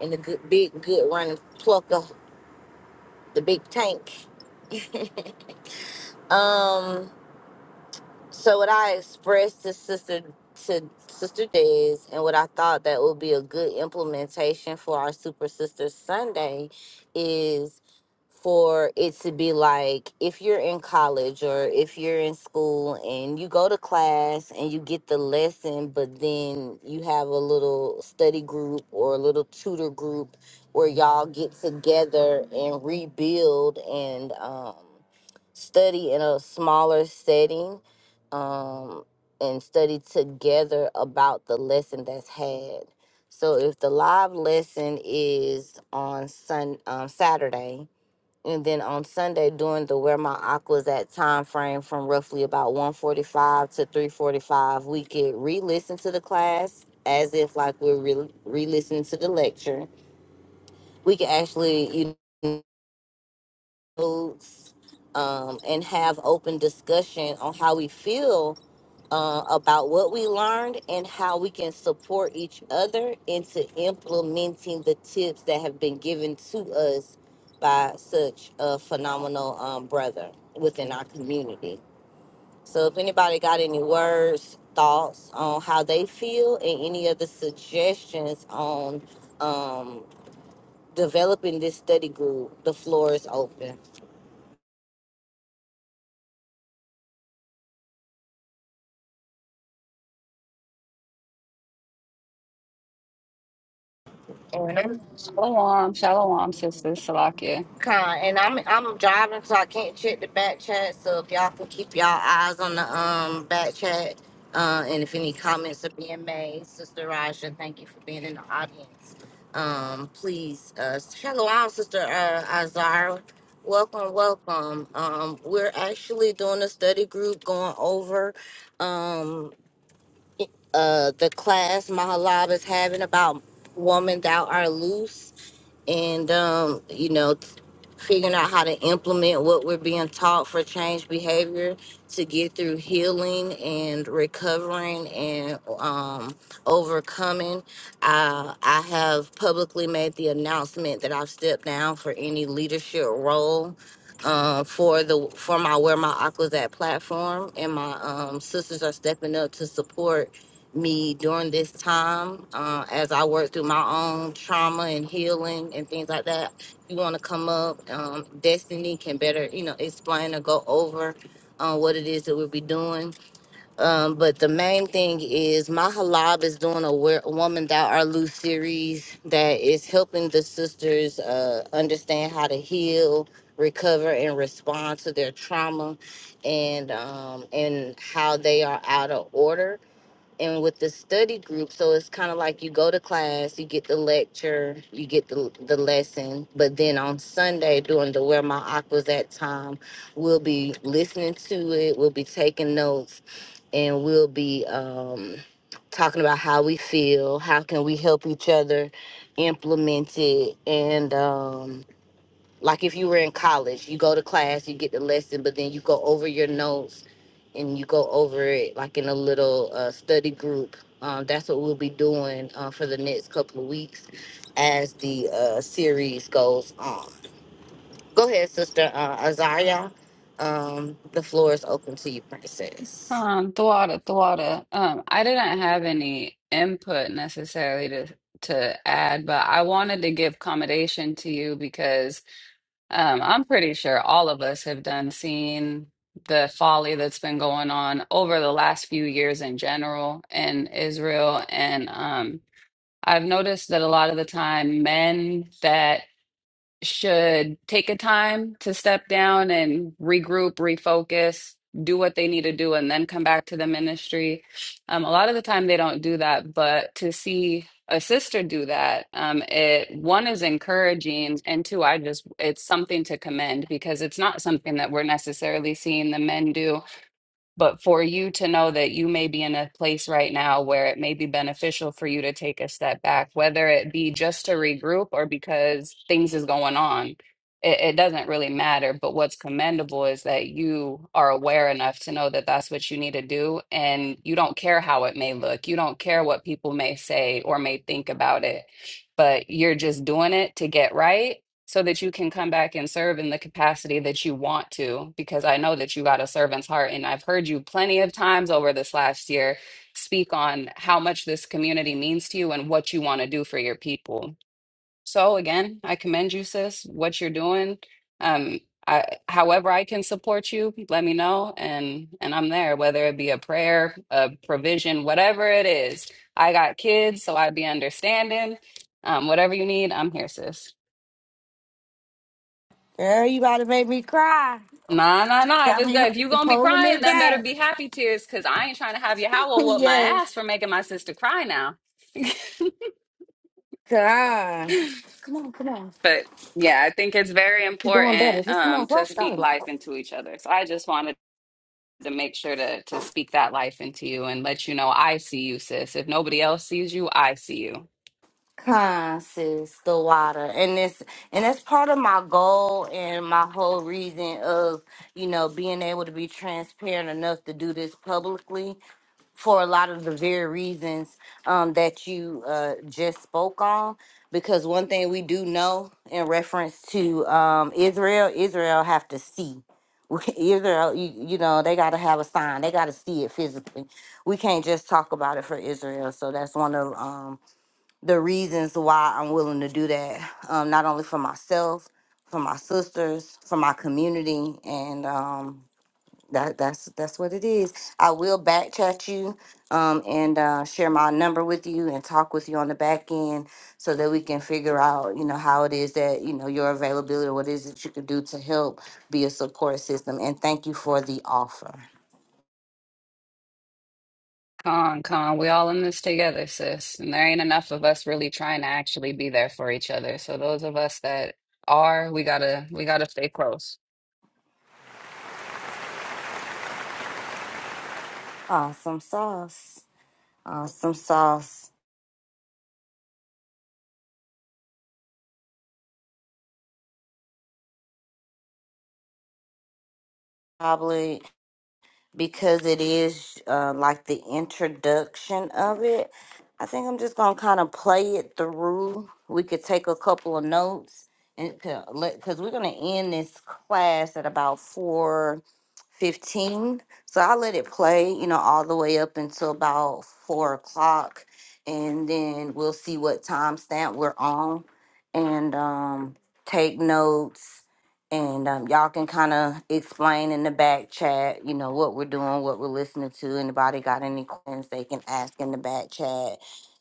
[SPEAKER 1] in the good, big good running plucker, the big tank. Um So what I expressed to sister to sister Des and what I thought that would be a good implementation for our super sister Sunday is for it to be like if you're in college or if you're in school and you go to class and you get the lesson but then you have a little study group or a little tutor group where y'all get together and rebuild and um study in a smaller setting um, and study together about the lesson that's had. So if the live lesson is on sun um, Saturday, and then on Sunday during the where my aquas at time frame from roughly about 145 to 345, we could re-listen to the class as if like we're re- re-listening to the lecture. We could actually, you notes um, and have open discussion on how we feel uh, about what we learned and how we can support each other into implementing the tips that have been given to us by such a phenomenal um, brother within our community. So, if anybody got any words, thoughts on how they feel, and any other suggestions on um, developing this study group, the floor is open. And I'm
[SPEAKER 3] Shalom, shalom, sisters. Salakia.
[SPEAKER 1] Con, and I'm I'm driving, so I can't check the back chat. So if y'all can keep y'all eyes on the um back chat, uh, and if any comments are being made, Sister Raja, thank you for being in the audience. Um, please, uh, shalom, Sister uh, Azara. Welcome, welcome. Um, we're actually doing a study group going over um uh the class Mahalab is having about woman thou art loose and um, you know, t- figuring out how to implement what we're being taught for change behavior to get through healing and recovering and um, overcoming. Uh, I have publicly made the announcement that I've stepped down for any leadership role. Uh, for the for my where my aqua's at platform and my um, sisters are stepping up to support me during this time uh, as I work through my own trauma and healing and things like that. You want to come up, um, Destiny can better, you know, explain or go over uh, what it is that we'll be doing. Um, but the main thing is my halab is doing a Where- Woman Thou Art Loose series that is helping the sisters uh, understand how to heal, recover, and respond to their trauma and um, and how they are out of order and with the study group so it's kind of like you go to class you get the lecture you get the, the lesson but then on sunday during the where my aquas at time we'll be listening to it we'll be taking notes and we'll be um, talking about how we feel how can we help each other implement it and um, like if you were in college, you go to class, you get the lesson, but then you go over your notes and you go over it like in a little uh, study group. Um, that's what we'll be doing uh, for the next couple of weeks as the uh, series goes on. Go ahead, Sister uh, Azariah. Um, the floor is open to you, Princess.
[SPEAKER 3] Um, Thawada, Thawada. Um, I didn't have any input necessarily to to add, but I wanted to give commendation to you because um, I'm pretty sure all of us have done seen the folly that's been going on over the last few years in general in Israel, and um, I've noticed that a lot of the time men that should take a time to step down and regroup, refocus, do what they need to do, and then come back to the ministry. Um, a lot of the time they don't do that, but to see a sister do that, um, it one is encouraging, and two, I just it's something to commend because it's not something that we're necessarily seeing the men do but for you to know that you may be in a place right now where it may be beneficial for you to take a step back, whether it be just to regroup or because things is going on, it, it doesn't really matter. But what's commendable is that you are aware enough to know that that's what you need to do. And you don't care how it may look, you don't care what people may say or may think about it, but you're just doing it to get right so that you can come back and serve in the capacity that you want to because i know that you got a servant's heart and i've heard you plenty of times over this last year speak on how much this community means to you and what you want to do for your people so again i commend you sis what you're doing um I, however i can support you let me know and and i'm there whether it be a prayer a provision whatever it is i got kids so i would be understanding um whatever you need i'm here sis
[SPEAKER 1] Girl, you about to make me cry.
[SPEAKER 3] Nah, nah, nah. If
[SPEAKER 1] Got
[SPEAKER 3] it's
[SPEAKER 1] me
[SPEAKER 3] good, if you gonna be
[SPEAKER 1] holding
[SPEAKER 3] crying,
[SPEAKER 1] it
[SPEAKER 3] then better
[SPEAKER 1] back.
[SPEAKER 3] be happy tears, cause I ain't trying to have you howl whoop my
[SPEAKER 1] yes,
[SPEAKER 3] ass for making my sister cry now.
[SPEAKER 1] God.
[SPEAKER 3] but yeah, I think it's very important um to speak life into each other. So I just wanted to make sure to to speak that life into you and let you know I see you, sis. If nobody else sees you, I see you.
[SPEAKER 1] Consist the water, and it's and that's part of my goal and my whole reason of you know being able to be transparent enough to do this publicly for a lot of the very reasons um, that you uh, just spoke on. Because one thing we do know in reference to um, Israel, Israel have to see. Israel, you, you know, they got to have a sign. They got to see it physically. We can't just talk about it for Israel. So that's one of um, the reasons why I'm willing to do that, um, not only for myself, for my sisters, for my community, and um, that that's that's what it is. I will back chat you um, and uh, share my number with you and talk with you on the back end so that we can figure out, you know, how it is that you know your availability, what is it you can do to help be a support system. And thank you for the offer.
[SPEAKER 3] Con, con, we all in this together, sis. And there ain't enough of us really trying to actually be there for each other. So those of us that are, we gotta we gotta stay close.
[SPEAKER 1] Awesome sauce. Awesome sauce. Probably. because it is uh, like the introduction of it. I think I'm just gonna kind of play it through. We could take a couple of notes and because we're gonna end this class at about four fifteen. So I let it play, you know, all the way up until about four o'clock, and then we'll see what timestamp we're on, and um, take notes and um, y'all can kind of explain in the back chat, you know, what we're doing, what we're listening to. Anybody got any questions they can ask in the back chat,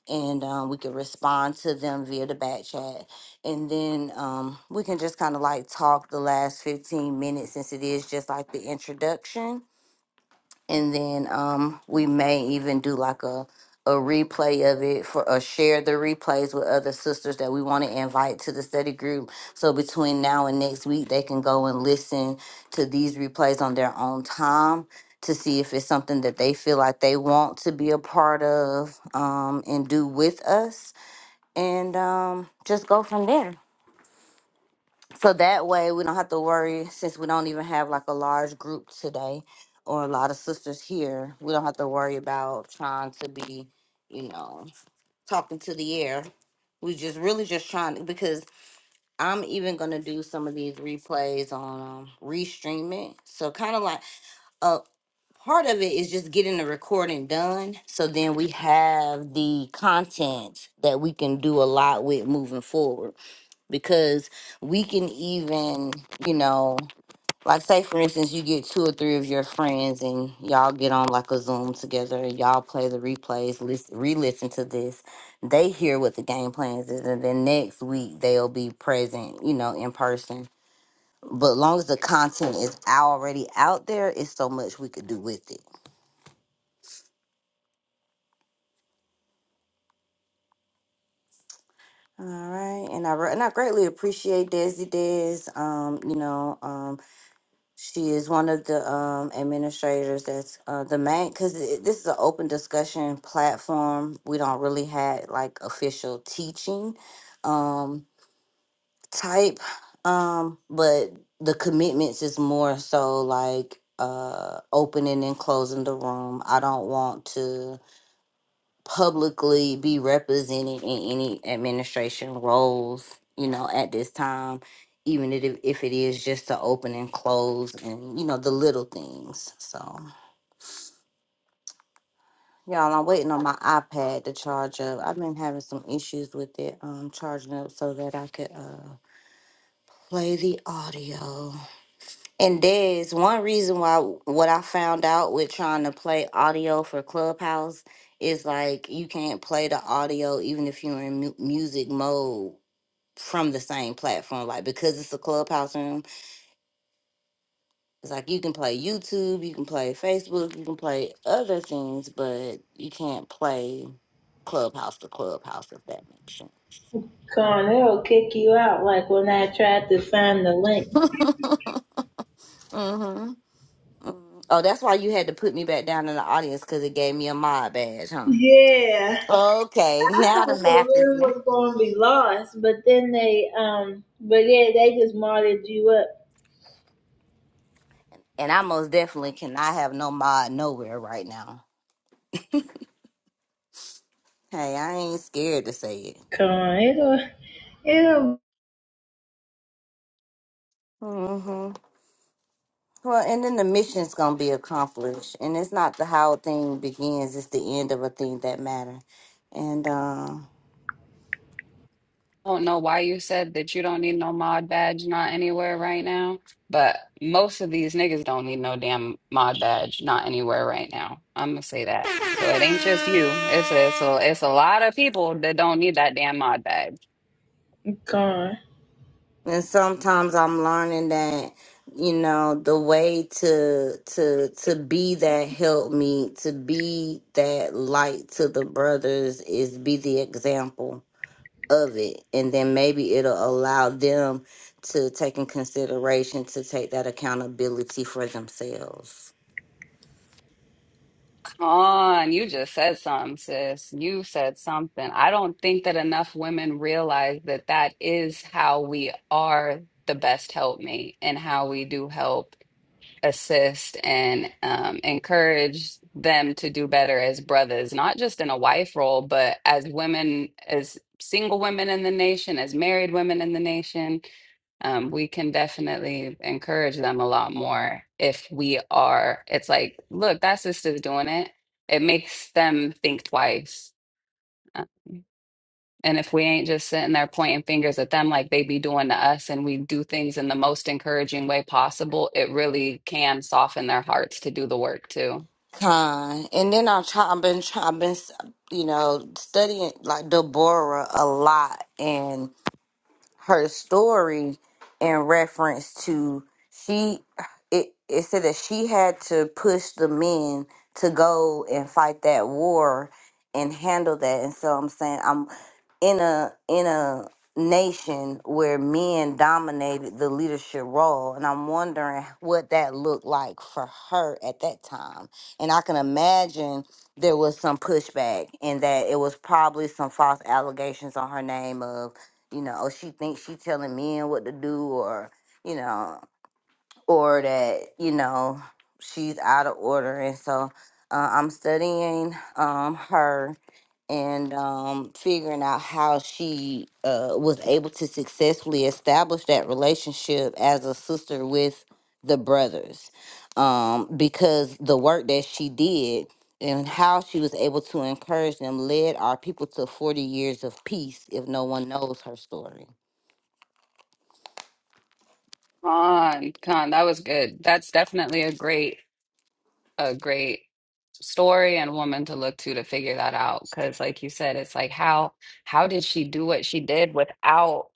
[SPEAKER 1] and um, we can respond to them via the back chat. And then um, we can just kind of like talk the last 15 minutes since it is just like the introduction and then um we may even do like a a replay of it for or share the replays with other sisters that we want to invite to the study group so between now and next week they can go and listen to these replays on their own time to see if it's something that they feel like they want to be a part of um and do with us and um just go from there so that way we don't have to worry since we don't even have like a large group today or a lot of sisters here. We don't have to worry about trying to be, you know, talking to the air. We just really just trying to, because I'm even gonna do some of these replays on um, restream it. So kind of like uh, part of it is just getting the recording done so then we have the content that we can do a lot with moving forward because we can even you know like say for instance you get two or three of your friends and y'all get on like a zoom together and y'all play the replays list, re-listen to this they hear what the game plans is and then next week they'll be present you know in person but long as the content is already out there it's so much we could do with it All right, and I re- and I greatly appreciate Desi Des. Um, you know, um, she is one of the um administrators that's uh the main because this is an open discussion platform. We don't really have like official teaching, um, type, um, but the commitments is more so like uh opening and closing the room. I don't want to publicly be represented in any administration roles, you know, at this time, even if, if it is just to open and close and, you know, the little things. So, y'all, I'm waiting on my iPad to charge up. I've been having some issues with it um, charging up so that I could uh, play the audio. And there's one reason why what I found out with trying to play audio for Clubhouse is like you can't play the audio even if you're in mu- music mode from the same platform. Like because it's a Clubhouse room, it's like you can play YouTube, you can play Facebook, you can play other things, but you can't play Clubhouse to Clubhouse if that makes sense.
[SPEAKER 2] Con, it'll kick you out like when I tried to find the link.
[SPEAKER 1] hmm Oh, that's why you had to put me back down in the audience because it gave me a mod badge, huh?
[SPEAKER 2] Yeah.
[SPEAKER 1] Okay,
[SPEAKER 2] I
[SPEAKER 1] now the
[SPEAKER 2] thought the
[SPEAKER 1] math is
[SPEAKER 2] room
[SPEAKER 1] ma-
[SPEAKER 2] was going to be lost, but then they, um, but yeah, they just modded you up.
[SPEAKER 1] and I most definitely cannot have no mod nowhere right now. Hey, I ain't scared to say it.
[SPEAKER 2] Come on, it'll, it'll.
[SPEAKER 1] hmm Well, and then the mission's gonna be accomplished, and it's not the how a thing begins; it's the end of a thing that matter. And uh,
[SPEAKER 3] don't know why you said that you don't need no mod badge, not anywhere right now, but most of these niggas don't need no damn mod badge, not anywhere right now. I'm gonna say that. So it ain't just you. It's a, it's a, it's a lot of people that don't need that damn mod badge.
[SPEAKER 1] and sometimes I'm learning that you know the way to to to be that help me to be that light to the brothers is be the example of it and then maybe it'll allow them to take in consideration to take that accountability for themselves
[SPEAKER 3] Con, you just said something, sis. You said something. I don't think that enough women realize that that is how we are the best helpmate and how we do help assist and um, encourage them to do better as brothers, not just in a wife role, but as women, as single women in the nation, as married women in the nation. Um, we can definitely encourage them a lot more if we are. It's like, look, that sister's doing it. It makes them think twice. And if we ain't just sitting there pointing fingers at them like they be doing to us, and we do things in the most encouraging way possible, it really can soften their hearts to do the work too.
[SPEAKER 1] Con. and then i've try, i've been try, i've been you know studying like deborah a lot and her story in reference to she it, it said that she had to push the men to go and fight that war and handle that and so i'm saying i'm in a in a nation where men dominated the leadership role and i'm wondering what that looked like for her at that time and i can imagine there was some pushback and that it was probably some false allegations on her name of you know, oh, she thinks she telling men what to do or, you know, or that, you know, she's out of order. And so uh, I'm studying um, her and um, figuring out how she uh, was able to successfully establish that relationship as a sister with the brothers um, because the work that she did and how she was able to encourage them led our people to 40 years of peace if no one knows her story
[SPEAKER 3] Con, con, that was good. That's definitely a great, a great story and woman to look to to figure that out. Because, like you said, it's like how how did she do what she did without?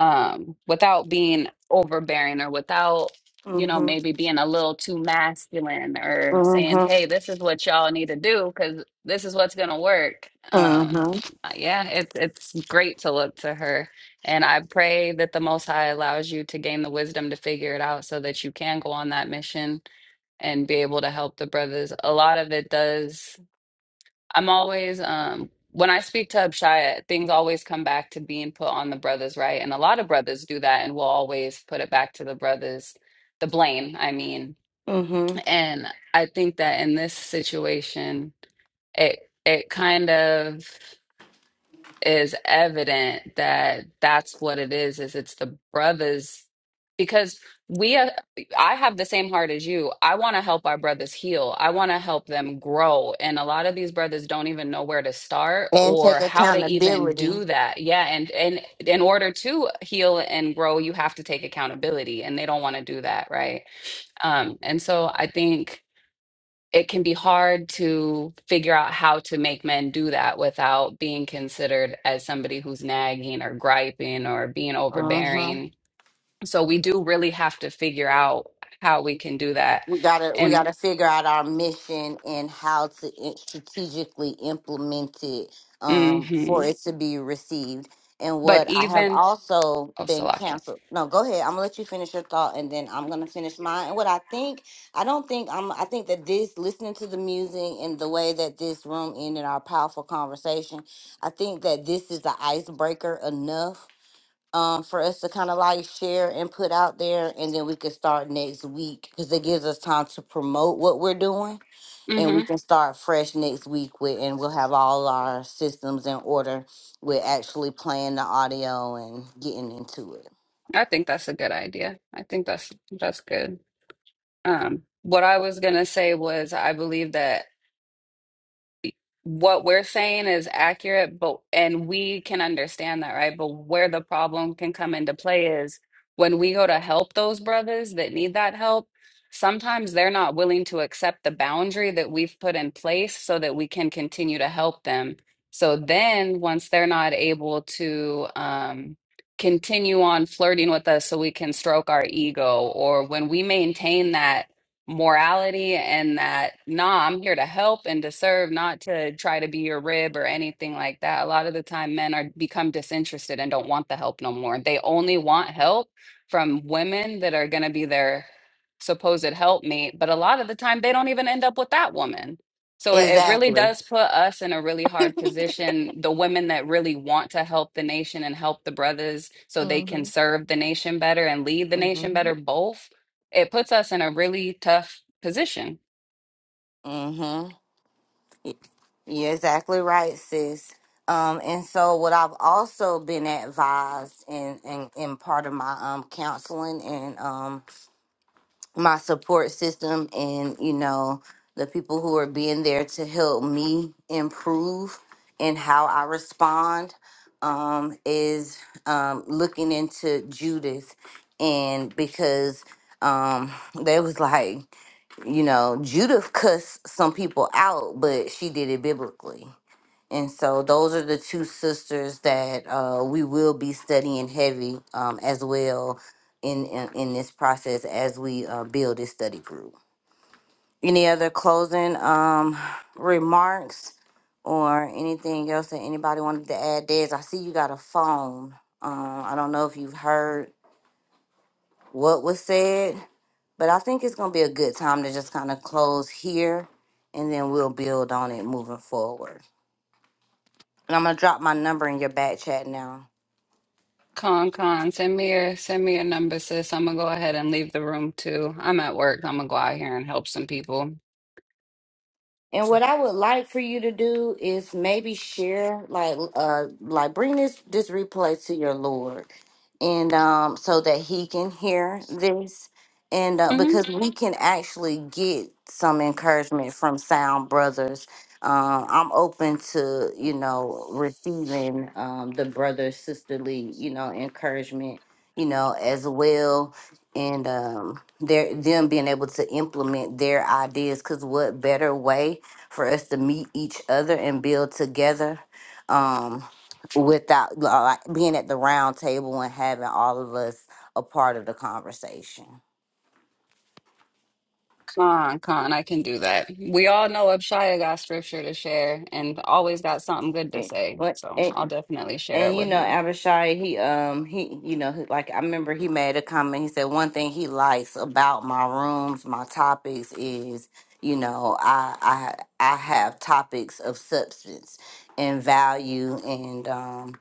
[SPEAKER 3] um, without being overbearing or without, you know, maybe being a little too masculine or saying, hey, this is what y'all need to do because this is what's gonna work. Um, uh, yeah, it, it's great to look to her. And I pray that the Most High allows you to gain the wisdom to figure it out so that you can go on that mission and be able to help the brothers. A lot of it does. I'm always um when I speak to Abshaya, things always come back to being put on the brothers, right? And a lot of brothers do that and will always put it back to the brothers, the blame, I mean. And I think that in this situation, it it kind of is evident that that's what it is is it's the brothers because we are, I have the same heart as you. I want to help our brothers heal. I want to help them grow. And a lot of these brothers don't even know where to start
[SPEAKER 1] and take
[SPEAKER 3] or how to even
[SPEAKER 1] accountability.
[SPEAKER 3] do that. Yeah, and and in order to heal and grow, you have to take accountability and they don't want to do that, right? Um and so I think it can be hard to figure out how to make men do that without being considered as somebody who's nagging or griping or being
[SPEAKER 1] hmm
[SPEAKER 3] overbearing. So we do really have to figure out how we can do that.
[SPEAKER 1] We gotta we
[SPEAKER 3] And
[SPEAKER 1] gotta figure out our mission and how to i- strategically implement it um,
[SPEAKER 3] hmm
[SPEAKER 1] for it to be received. And
[SPEAKER 3] but
[SPEAKER 1] what I have
[SPEAKER 3] even
[SPEAKER 1] also
[SPEAKER 3] oh
[SPEAKER 1] been
[SPEAKER 3] Salakia.
[SPEAKER 1] canceled. No, go ahead. I'm gonna let you finish your thought, and then I'm gonna finish mine. And what I think, I don't think I'm. I think that this listening to the music and the way that this room ended our powerful conversation, I think that this is the icebreaker enough um, for us to kind of like share and put out there, and then we can start next week because it gives us time to promote what we're doing, and we
[SPEAKER 3] hmm
[SPEAKER 1] can start fresh next week with, and we'll have all our systems in order with actually playing the audio and getting into it.
[SPEAKER 3] I think that's a good idea. I think that's that's good. Um, what I was gonna say was I believe that what we're saying is accurate, but and we can understand that, right? But where the problem can come into play is when we go to help those brothers that need that help, sometimes they're not willing to accept the boundary that we've put in place so that we can continue to help them. So then once they're not able to um continue on flirting with us so we can stroke our ego or when we maintain that morality and that nah i'm here to help and to serve not to try to be your rib or anything like that a lot of the time men are become disinterested and don't want the help no more they only want help from women that are going to be their supposed helpmate but a lot of the time they don't even end up with that woman so it it really does put us in a really hard position the women that really want to help the nation and help the brothers so they can
[SPEAKER 1] Mm-hmm.
[SPEAKER 3] serve the nation better and lead the nation
[SPEAKER 1] hmm
[SPEAKER 3] better both it puts us in a really tough position.
[SPEAKER 1] Mm-hmm. You're exactly right, sis. Um, and so what I've also been advised in, in, in part of my um counseling and um my support system and you know the people who are being there to help me improve in how I respond um, is um, looking into Judith and because um, they was like you know Judith cussed some people out but she did it biblically and so those are the two sisters that uh, we will be studying heavy um, as well in, in in this process as we uh, build this study group. Any other closing um, remarks or anything else that anybody wanted to add? Des, I see you got a phone. Um, I don't know if you've heard what was said, but I think it's gonna be a good time to just kind of close here, and then we'll build on it moving forward. And I'm gonna drop my number in your back chat now.
[SPEAKER 3] Con, con, send me your send me your number, sis. I'm gonna go ahead and leave the room too. I'm at work. I'm gonna go out here and help some people.
[SPEAKER 1] And what I would like for you to do is maybe share, like, uh, like bring this this replay to your Lord, and um, so that He can hear this, and uh,
[SPEAKER 3] hmm
[SPEAKER 1] because we can actually get some encouragement from Sound Brothers. Um, I'm open to you know receiving um, the brother sisterly you know encouragement you know as well and um their them being able to implement their ideas because what better way for us to meet each other and build together um without li- like being at the round table and having all of us a part of the conversation
[SPEAKER 3] Con, con, I can do that. We all know Abshaya got scripture to share and always got something good to say. So
[SPEAKER 1] Yeah.
[SPEAKER 3] I'll definitely share it
[SPEAKER 1] And you
[SPEAKER 3] with
[SPEAKER 1] know,
[SPEAKER 3] him.
[SPEAKER 1] Abishai, he um he you know, he, like I remember he made a comment. He said one thing he likes about my rooms, my topics is, you know, I I I have topics of substance and value and um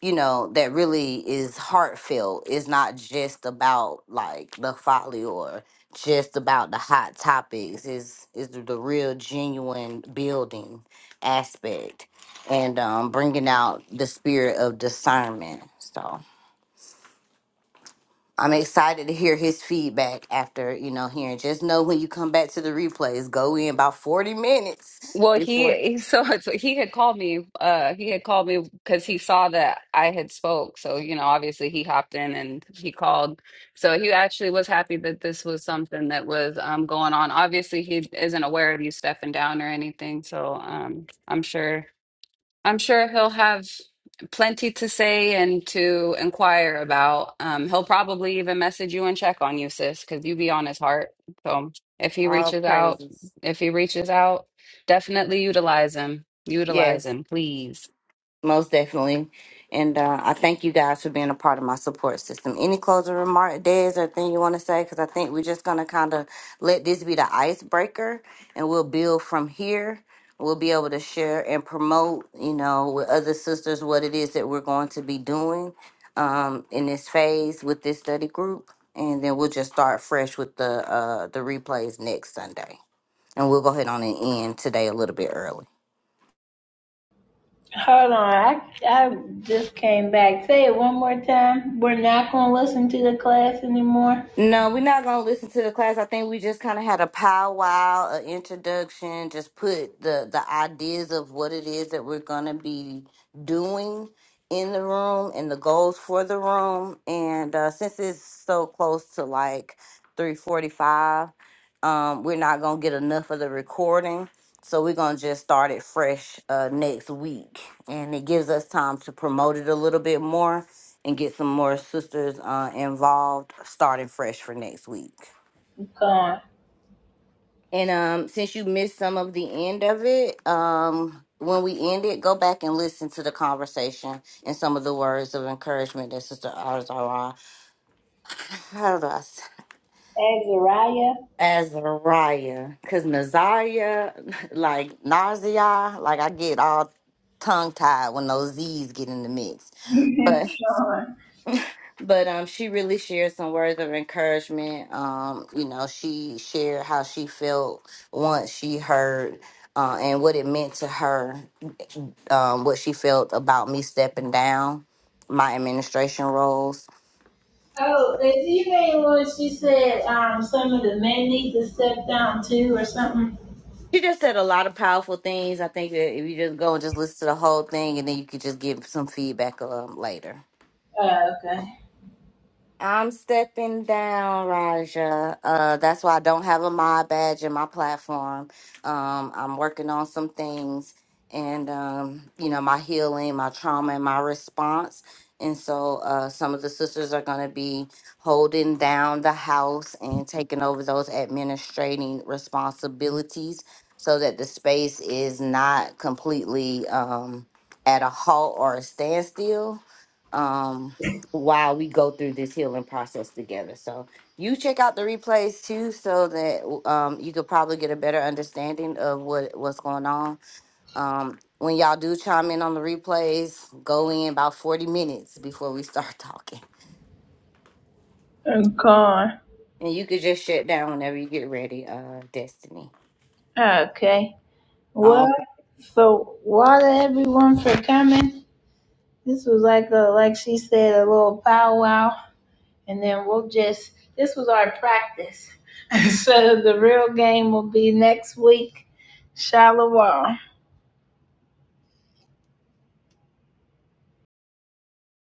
[SPEAKER 1] you know, that really is heartfelt. It's not just about like the folly or just about the hot topics. Is is the the real genuine building aspect and um, bringing out the spirit of discernment. So I'm excited to hear his feedback after you know hearing. Just know when you come back to the replays, go in about 40 minutes.
[SPEAKER 3] Well, he, he so, so he had called me. Uh, he had called me because he saw that I had spoke. So you know, obviously he hopped in and he called. So he actually was happy that this was something that was um going on. Obviously, he isn't aware of you stepping down or anything. So um, I'm sure. I'm sure he'll have plenty to say and to inquire about. Um, he'll probably even message you and check on you, sis, because you be on his heart. So if he
[SPEAKER 1] All
[SPEAKER 3] reaches out,
[SPEAKER 1] praises.
[SPEAKER 3] if he reaches out, definitely utilize him. Utilize
[SPEAKER 1] Yes.
[SPEAKER 3] him, please.
[SPEAKER 1] Most definitely. And uh, I thank you guys for being a part of my support system. Any closing remark, Des, or thing you want to say? Because I think we're just going to kind of let this be the icebreaker and we'll build from here. We'll be able to share and promote, you know, with other sisters what it is that we're going to be doing um, in this phase with this study group. And then we'll just start fresh with the uh, the replays next Sunday. And we'll go ahead on and end today a little bit early.
[SPEAKER 2] Hold on, I, I just came back. Say it one more time. We're not going to listen to the class anymore.
[SPEAKER 1] No, we're not gonna listen to the class. I think we just kind of had a powwow, an introduction, just put the the ideas of what it is that we're gonna be doing in the room and the goals for the room. And uh, since it's so close to like three forty five, um, we're not gonna get enough of the recording, so we're gonna just start it fresh uh, next week, and it gives us time to promote it a little bit more and get some more sisters uh, involved, starting fresh for next week. And um, since you missed some of the end of it, um, when we end it, go back and listen to the conversation and some of the words of encouragement that Sister Azariah, how do I s- Azariah, because Nazaria, like Nazia, like I get all tongue tied when those Z's get in the mix. but. but um she really shared some words of encouragement um you know she shared how she felt once she heard uh, and what it meant to her um what she felt about me stepping down my administration roles
[SPEAKER 2] Oh, she said, um, some of the men stepped down. Something.
[SPEAKER 1] she just said a lot of powerful things i think that if you just go and just listen to the whole thing and then you could just give some feedback um, later
[SPEAKER 2] Oh, okay.
[SPEAKER 1] I'm stepping down, Raja. Uh, that's why I don't have a mod badge in my platform. Um, I'm working on some things and, um, you know, my healing, my trauma, and my response. And so uh, some of the sisters are going to be holding down the house and taking over those administrating responsibilities so that the space is not completely um, at a halt or a standstill. Um, while we go through this healing process together. So you check out the replays too, so that um, you could probably get a better understanding of what what's going on. Um, when y'all do chime in on the replays, go in about forty minutes before we start talking,
[SPEAKER 2] I'm gone.
[SPEAKER 1] and you could just shut down whenever you get ready. Uh, Destiny.
[SPEAKER 2] Okay.
[SPEAKER 1] Um,
[SPEAKER 2] Well, so water everyone for coming. This was like a, like she said, a little powwow and then we'll just this was our practice. so the real game will be next week, Shalom.